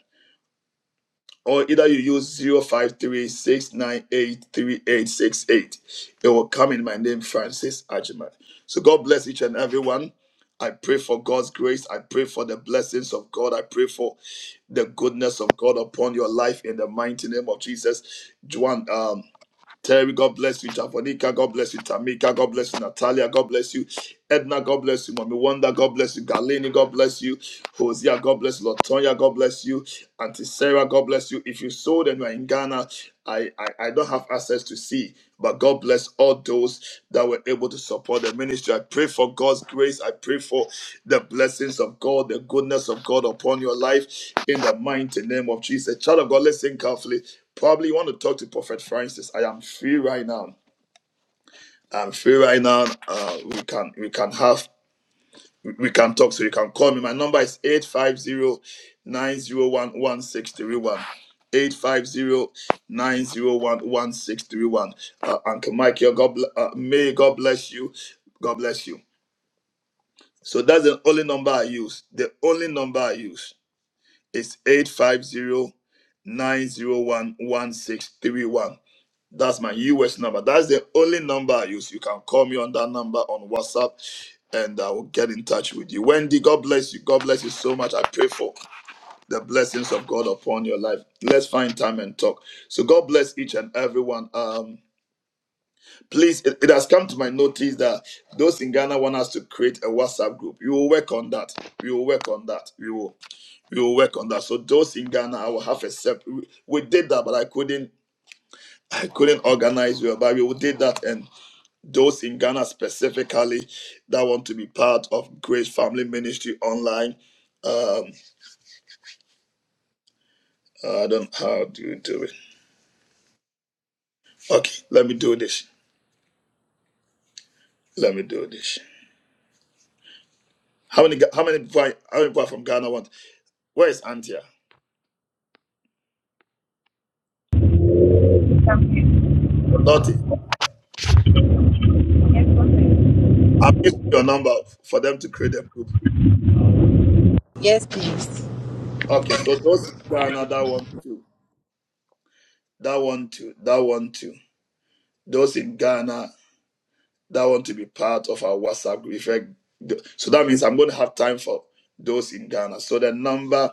or either you use zero five three six nine eight three eight six eight, It will come in my name, Francis Ajima. So God bless each and everyone. I pray for God's grace. I pray for the blessings of God. I pray for the goodness of God upon your life in the mighty name of Jesus. Juan, um, Terry, God bless you. Javonica, God bless you. Tamika, God bless you. Natalia, God bless you. Edna, God bless you. Mommy Wanda, God bless you. Galini, God bless you. Hosea, God bless you. Latonya, God bless you. Auntie Sarah, God bless you. If you sold and you are in Ghana, I, I, I don't have access to see, but God bless all those that were able to support the ministry. I pray for God's grace. I pray for the blessings of God, the goodness of God upon your life in the mighty name of Jesus. Child of God, listen carefully. Probably you want to talk to Prophet Francis. I am free right now. I'm free right now. Uh, we can we can have we can talk. So you can call me. My number is 850 901 Uh, Uncle Mike, your God, bl- uh, may God bless you. God bless you. So that's the only number I use. The only number I use is eight five zero nine zero one one six three one. That's my US number. That's the only number I use. You can call me on that number on WhatsApp and I will get in touch with you. Wendy, God bless you. God bless you so much. I pray for the blessings of God upon your life. Let's find time and talk. So God bless each and everyone. Um, please, it, it has come to my notice that those in Ghana want us to create a WhatsApp group. We will work on that. We will work on that. We will we will work on that. So those in Ghana, I will have a separate. We we did that, but I couldn't I couldn't organize well, but we did that, and those in Ghana specifically that want to be part of Grace Family Ministry online. Um, I don't how do you do it? Okay, let me do this. Let me do this. How many? Ga- How many? people are- How many people are from Ghana want? Where is Antia? Dottie, I'm using your number for them to create a group. Yes, please. Okay, so those in Ghana that want to, that want to, that want to. Those in Ghana that want to be part of our WhatsApp group. If I- so that means I'm going to have time for those in Ghana. So the number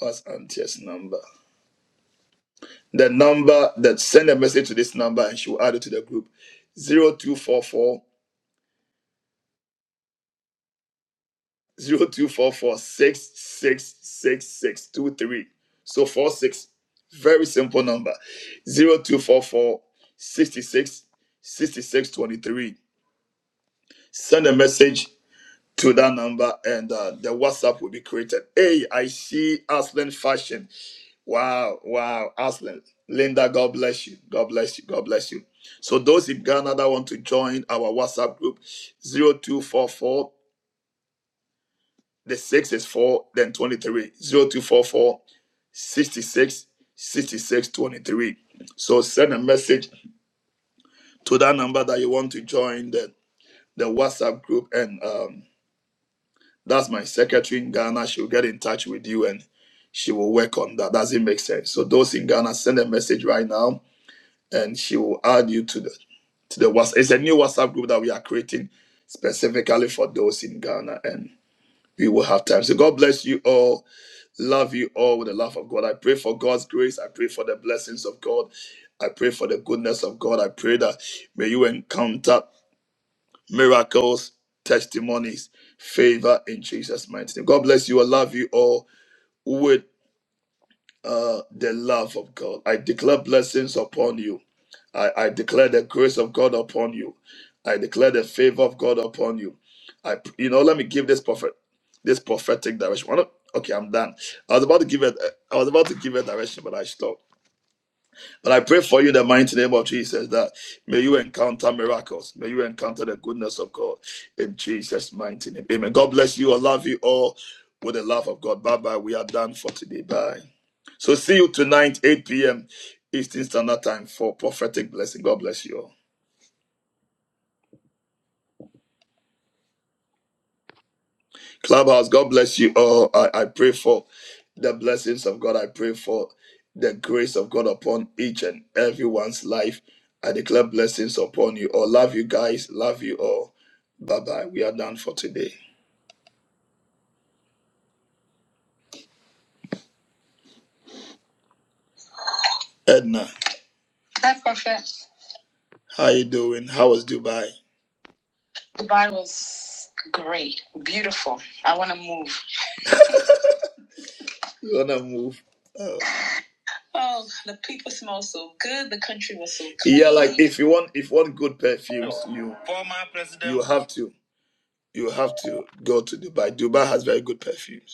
was Auntie's number. The number that send a message to this number and she will add it to the group zero two four four zero two four four six six six six two three. So four six, very simple number zero two four four sixty six sixty six twenty three. Send a message to that number and uh, the WhatsApp will be created. Hey, I see Aslan Fashion. Wow, wow, Aslan. Linda, God bless you. God bless you. God bless you. So those in Ghana that want to join our WhatsApp group, Zero two four four. the 6 is 4, then 23. 0244 So send a message to that number that you want to join the, the WhatsApp group and um, That's my secretary in Ghana. She'll get in touch with you and she will work on that. Does it make sense? So those in Ghana, send a message right now and she will add you to the to the WhatsApp. It's a new WhatsApp group that we are creating specifically for those in Ghana and we will have time. So God bless you all. Love you all with the love of God. I pray for God's grace. I pray for the blessings of God. I pray for the goodness of God. I pray that may you encounter miracles, testimonies, favor in Jesus' mighty name. God bless you. I love you all with uh, the love of God. I declare blessings upon you. I, I declare the grace of God upon you. I declare the favor of God upon you. I, you know, let me give this prophet, this prophetic direction. One of- Okay, I'm done. I was about to give it. I was about to give a direction, but I stopped. But I pray for you in the mighty name of Jesus that may you encounter miracles. May you encounter the goodness of God in Jesus' mighty name. Amen. God bless you. I love you all with the love of God. Bye bye. We are done for today. Bye. So see you tonight, 8 p.m. Eastern Standard Time for prophetic blessing. God bless you all. Clubhouse, God bless you all. I, I pray for the blessings of God. I pray for the grace of God upon each and everyone's life. I declare blessings upon you all. Love you guys. Love you all. Bye bye. We are done for today. Edna, Hi, Prophet. how you doing? How was Dubai? Dubai was great, beautiful. I want to move. You wanna move? Oh. Oh, the people smell so good. The country was so clean. Yeah, like if you want if you want good perfumes, you Former President- you have to you have to go to Dubai. Dubai has very good perfumes.